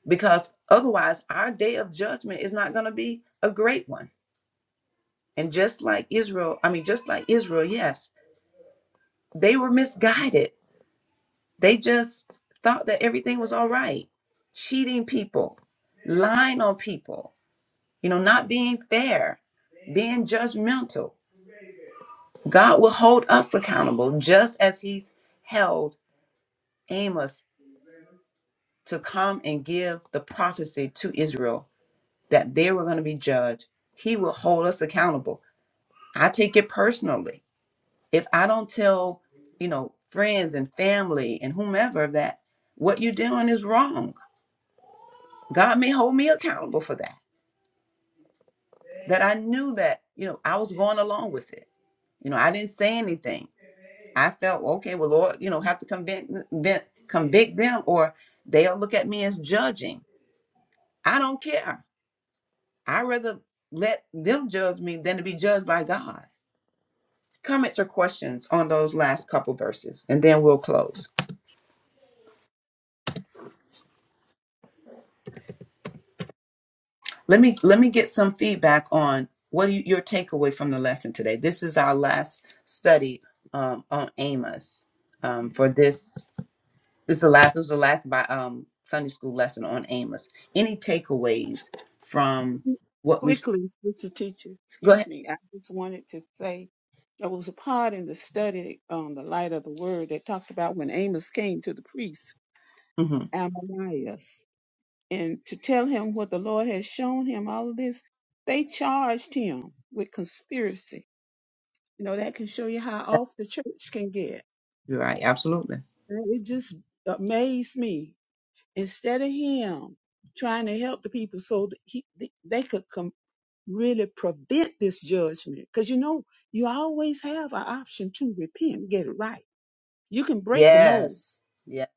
because otherwise our day of judgment is not going to be a great one. And just like Israel, I mean, just like Israel, yes, they were misguided. They just thought that everything was all right, cheating people, lying on people, you know, not being fair, being judgmental. God will hold us accountable just as he's held Amos to come and give the prophecy to Israel that they were going to be judged. He will hold us accountable. I take it personally. If I don't tell, you know, friends and family and whomever that what you're doing is wrong, God may hold me accountable for that. That I knew that, you know, I was going along with it. You know, I didn't say anything. I felt, okay, well, Lord, you know, have to convict, then convict them or they'll look at me as judging. I don't care. i rather let them judge me than to be judged by God comments or questions on those last couple verses and then we'll close let me let me get some feedback on what do you, your takeaway from the lesson today this is our last study um, on amos um, for this this is the last it was the last by um, sunday school lesson on amos any takeaways from what we've Quickly, Mr. Teacher, go ahead excuse me, I just wanted to say there was a part in the study on the light of the word that talked about when Amos came to the priest, mm-hmm. Ananias, and to tell him what the Lord had shown him, all of this, they charged him with conspiracy. You know, that can show you how That's off the church can get. right absolutely And it just amazed me. Instead of him trying to help the people so that he, they could really prevent this judgment. Because you know, you always have an option to repent, get it right. You can break the mold. yes yes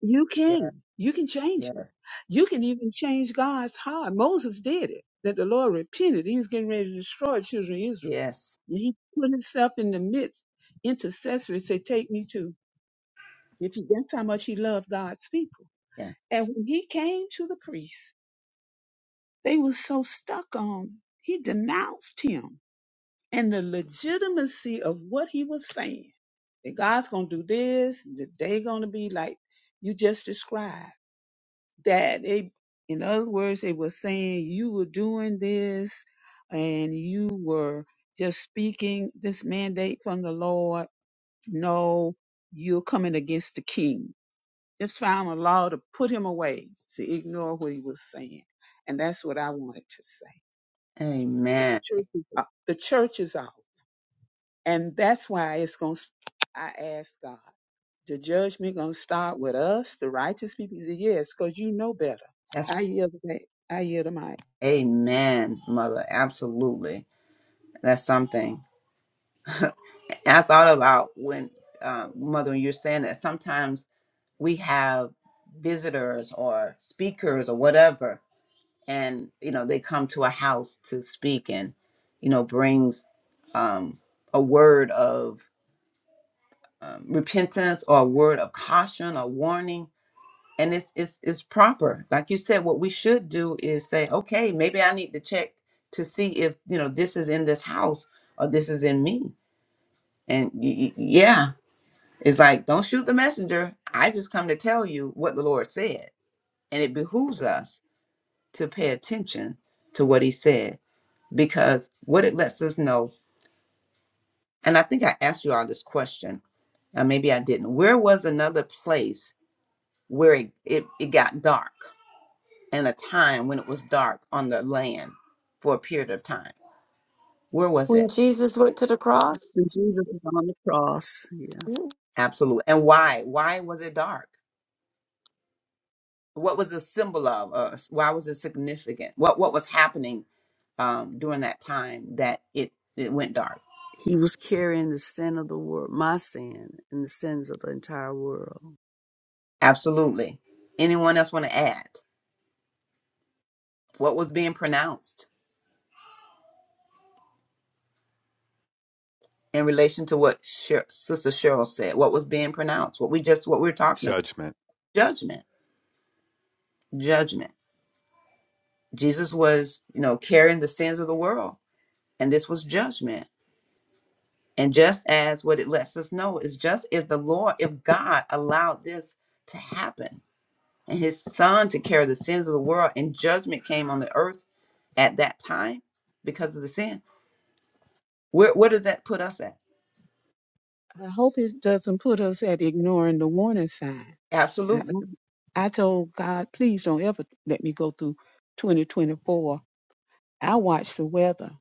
You yes can. You can change it. yes You can even change God's heart. Moses did it. That the Lord repented. He was getting ready to destroy the children of Israel. yes And he put himself in the midst, intercessory, said, Take me to. If he that's how much he loved God's people. yes And when he came to the priests, they were so stuck on. He denounced him and the legitimacy of what he was saying. That God's gonna do this, that they're gonna be like you just described. That they in other words, they were saying you were doing this and you were just speaking this mandate from the Lord. No, you're coming against the king. Just found a law to put him away, to ignore what he was saying. And that's what I wanted to say. The amen church is off. The church is off. And that's why it's going to, I ask God, the judgment going to start with us, the righteous people? He said, yes, because you know better. I yield the mic. I yield the mic. Amen, mother. Absolutely. That's something. And I thought about when, uh, mother, when you're saying that sometimes we have visitors or speakers or whatever, and, you know, they come to a house to speak and, you know, brings um, a word of um, repentance or a word of caution or warning and it's it's it's proper like you said what we should do is say okay maybe i need to check to see if you know this is in this house or this is in me and y- y- yeah it's like don't shoot the messenger i just come to tell you what the lord said and it behooves us to pay attention to what he said because what it lets us know and i think i asked you all this question and maybe i didn't where was another place where it, it, it got dark and a time when it was dark on the land for a period of time. Where was when it? jesus went to the cross When Jesus is on the cross, yeah, Absolutely. And why? Why was it dark? What was the symbol of? Uh, why was it significant? What What was happening um, during that time that it it went dark? he was carrying the sin of the world, my sin, and the sins of the entire world. Absolutely. Anyone else want to add? What was being pronounced in relation to what Sher- Sister Cheryl said? What was being pronounced? What we just what we were talking about? Judgment Judgment. Judgment. Jesus was, you know, carrying the sins of the world, and this was judgment And just as what it lets us know is just if the Lord, if God allowed this to happen and his son to carry the sins of the world and judgment came on the earth at that time because of the sin, where, where does that put us at? I hope it doesn't put us at ignoring the warning sign. And I Absolutely. I told God, please don't ever let me go through 2024. I watch the weather.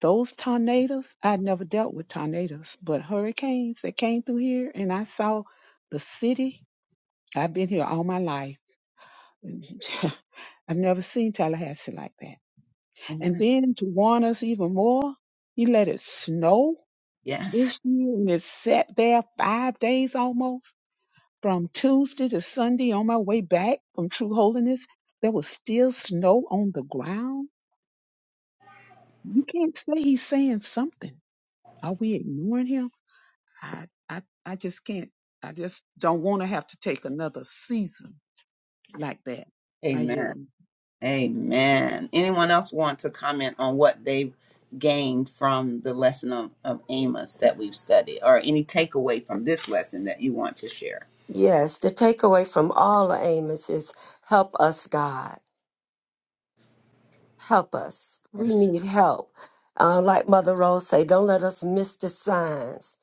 Those tornadoes, I never dealt with tornadoes, but hurricanes that came through here and I saw the city. I've been here all my life And I've never seen Tallahassee like that. And Amen. then to warn us even more, he let it snow Yes. this year and it sat there five days almost. From Tuesday to Sunday on my way back from True Holiness, there was still snow on the ground. You can't say he's saying something. Are we ignoring him? I, I, I just can't. I just don't want to have to take another season like that. I Amen. yield Amen. Anyone else want to comment on what they have gained from the lesson of, of Amos that we've studied or any takeaway from this lesson that you want to share? Yes, the takeaway from all of Amos is help us, God. Help us. We Yes. need help. Uh, like Mother Rose say, don't let us miss the signs.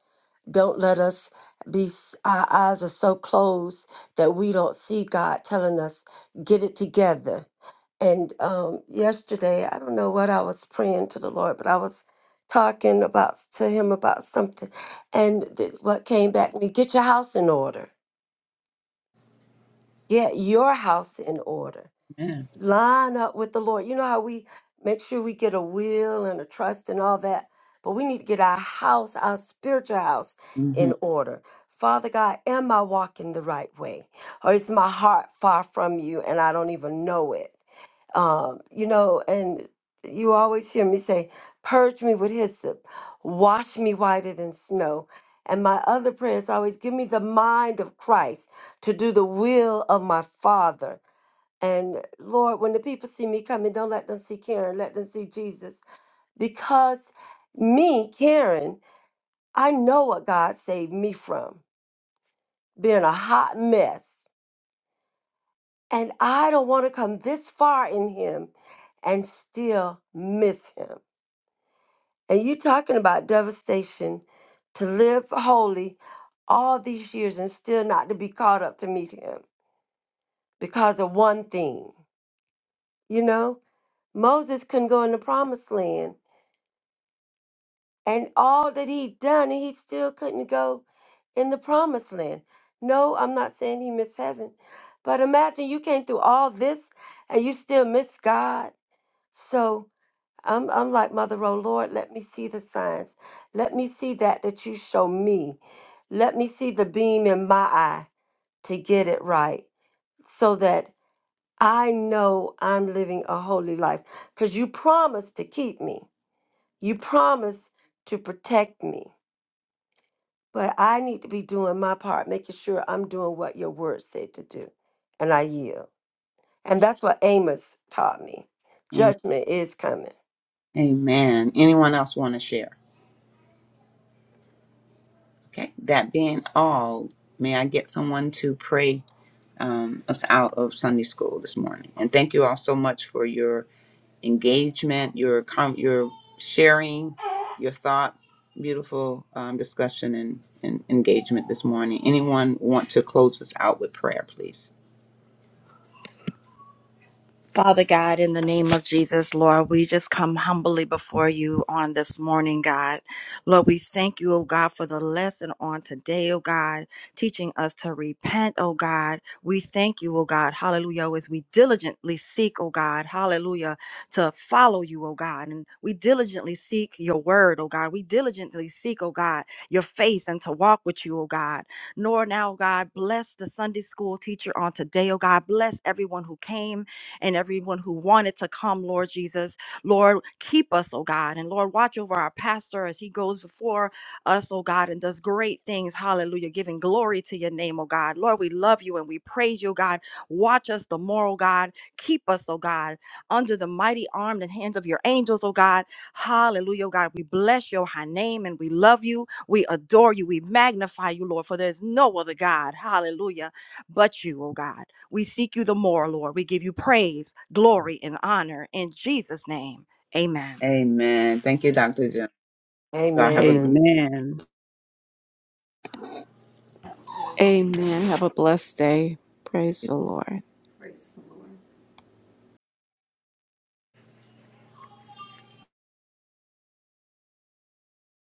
Don't let us be, our eyes are so closed that we don't see God telling us, get it together. And um, yesterday, I don't know what I was praying to the Lord, but I was talking about to him about something, and th- what came back to me: get your house in order, get your house in order. Amen. line up with the Lord. You know how we make sure we get a will and a trust and all that, but we need to get our house, our spiritual house, Mhm. in order. Father God, am I walking the right way? Or is my heart far from you and I don't even know it? Um, you know, and you always hear me say, Purge me with hyssop, wash me whiter than snow. And my other prayer is always, Give me the mind of Christ to do the will of my Father and Lord, when the people see me coming, don't let them see Karen, let them see Jesus. Because me, Karen, I know what God saved me from being a hot mess. And I don't want to come this far in Him and still miss Him. And you talking about devastation to live holy all these years and still not to be caught up to meet Him because of one thing. You know, Moses couldn't go in the promised land and all that he'd done, and he still couldn't go in the promised land. No, I'm not saying he missed heaven, but imagine you came through all this and you still miss God. So I'm, I'm like Mother O Lord, let me see the signs. Let me see that that you show me. Let me see the beam in my eye to get it right so that I know I'm living a holy life because you promised to keep me. You promised to protect me. But I need to be doing my part, making sure I'm doing what your word said to do. And I yield. And that's what Amos taught me. Judgment is coming. Amen. Anyone else want to share? Okay. That being all, may I get someone to pray um, us out of Sunday school this morning? And thank you all so much for your engagement, your com- your sharing, your thoughts. Beautiful um, discussion and, and engagement this morning. Anyone want to close us out with prayer, please? Father God, in the name of Jesus, Lord, we just come humbly before you on this morning, God. Lord, we thank you, oh God, for the lesson on today, oh God, teaching us to repent, oh God. We thank you, oh God, hallelujah, as we diligently seek, oh God, hallelujah, to follow you, oh God. And we diligently seek your word, oh God. We diligently seek, oh God, your face and to walk with you, oh God. Nor now, God, bless the Sunday school teacher on today, oh God. Bless everyone who came and everyone who wanted to come, Lord Jesus. Lord, keep us, oh God. And Lord, watch over our pastor as he goes before us, oh God, and does great things. Hallelujah. Giving glory to your name, oh God. Lord, we love you and we praise you, oh God. Watch us the more, oh God. Keep us, oh God, under the mighty arm and hands of your angels, oh God. Hallelujah, oh God. We bless your high name and we love you. We adore you. We magnify you, Lord, for there's no other God. Hallelujah but you, O God. We seek you the more, Lord. We give you praise, glory, and honor in Jesus' name. Amen. Amen. Thank you, Dr. Jim. Y'all have a Amen. Amen. Amen. Have a blessed day. Praise the Lord.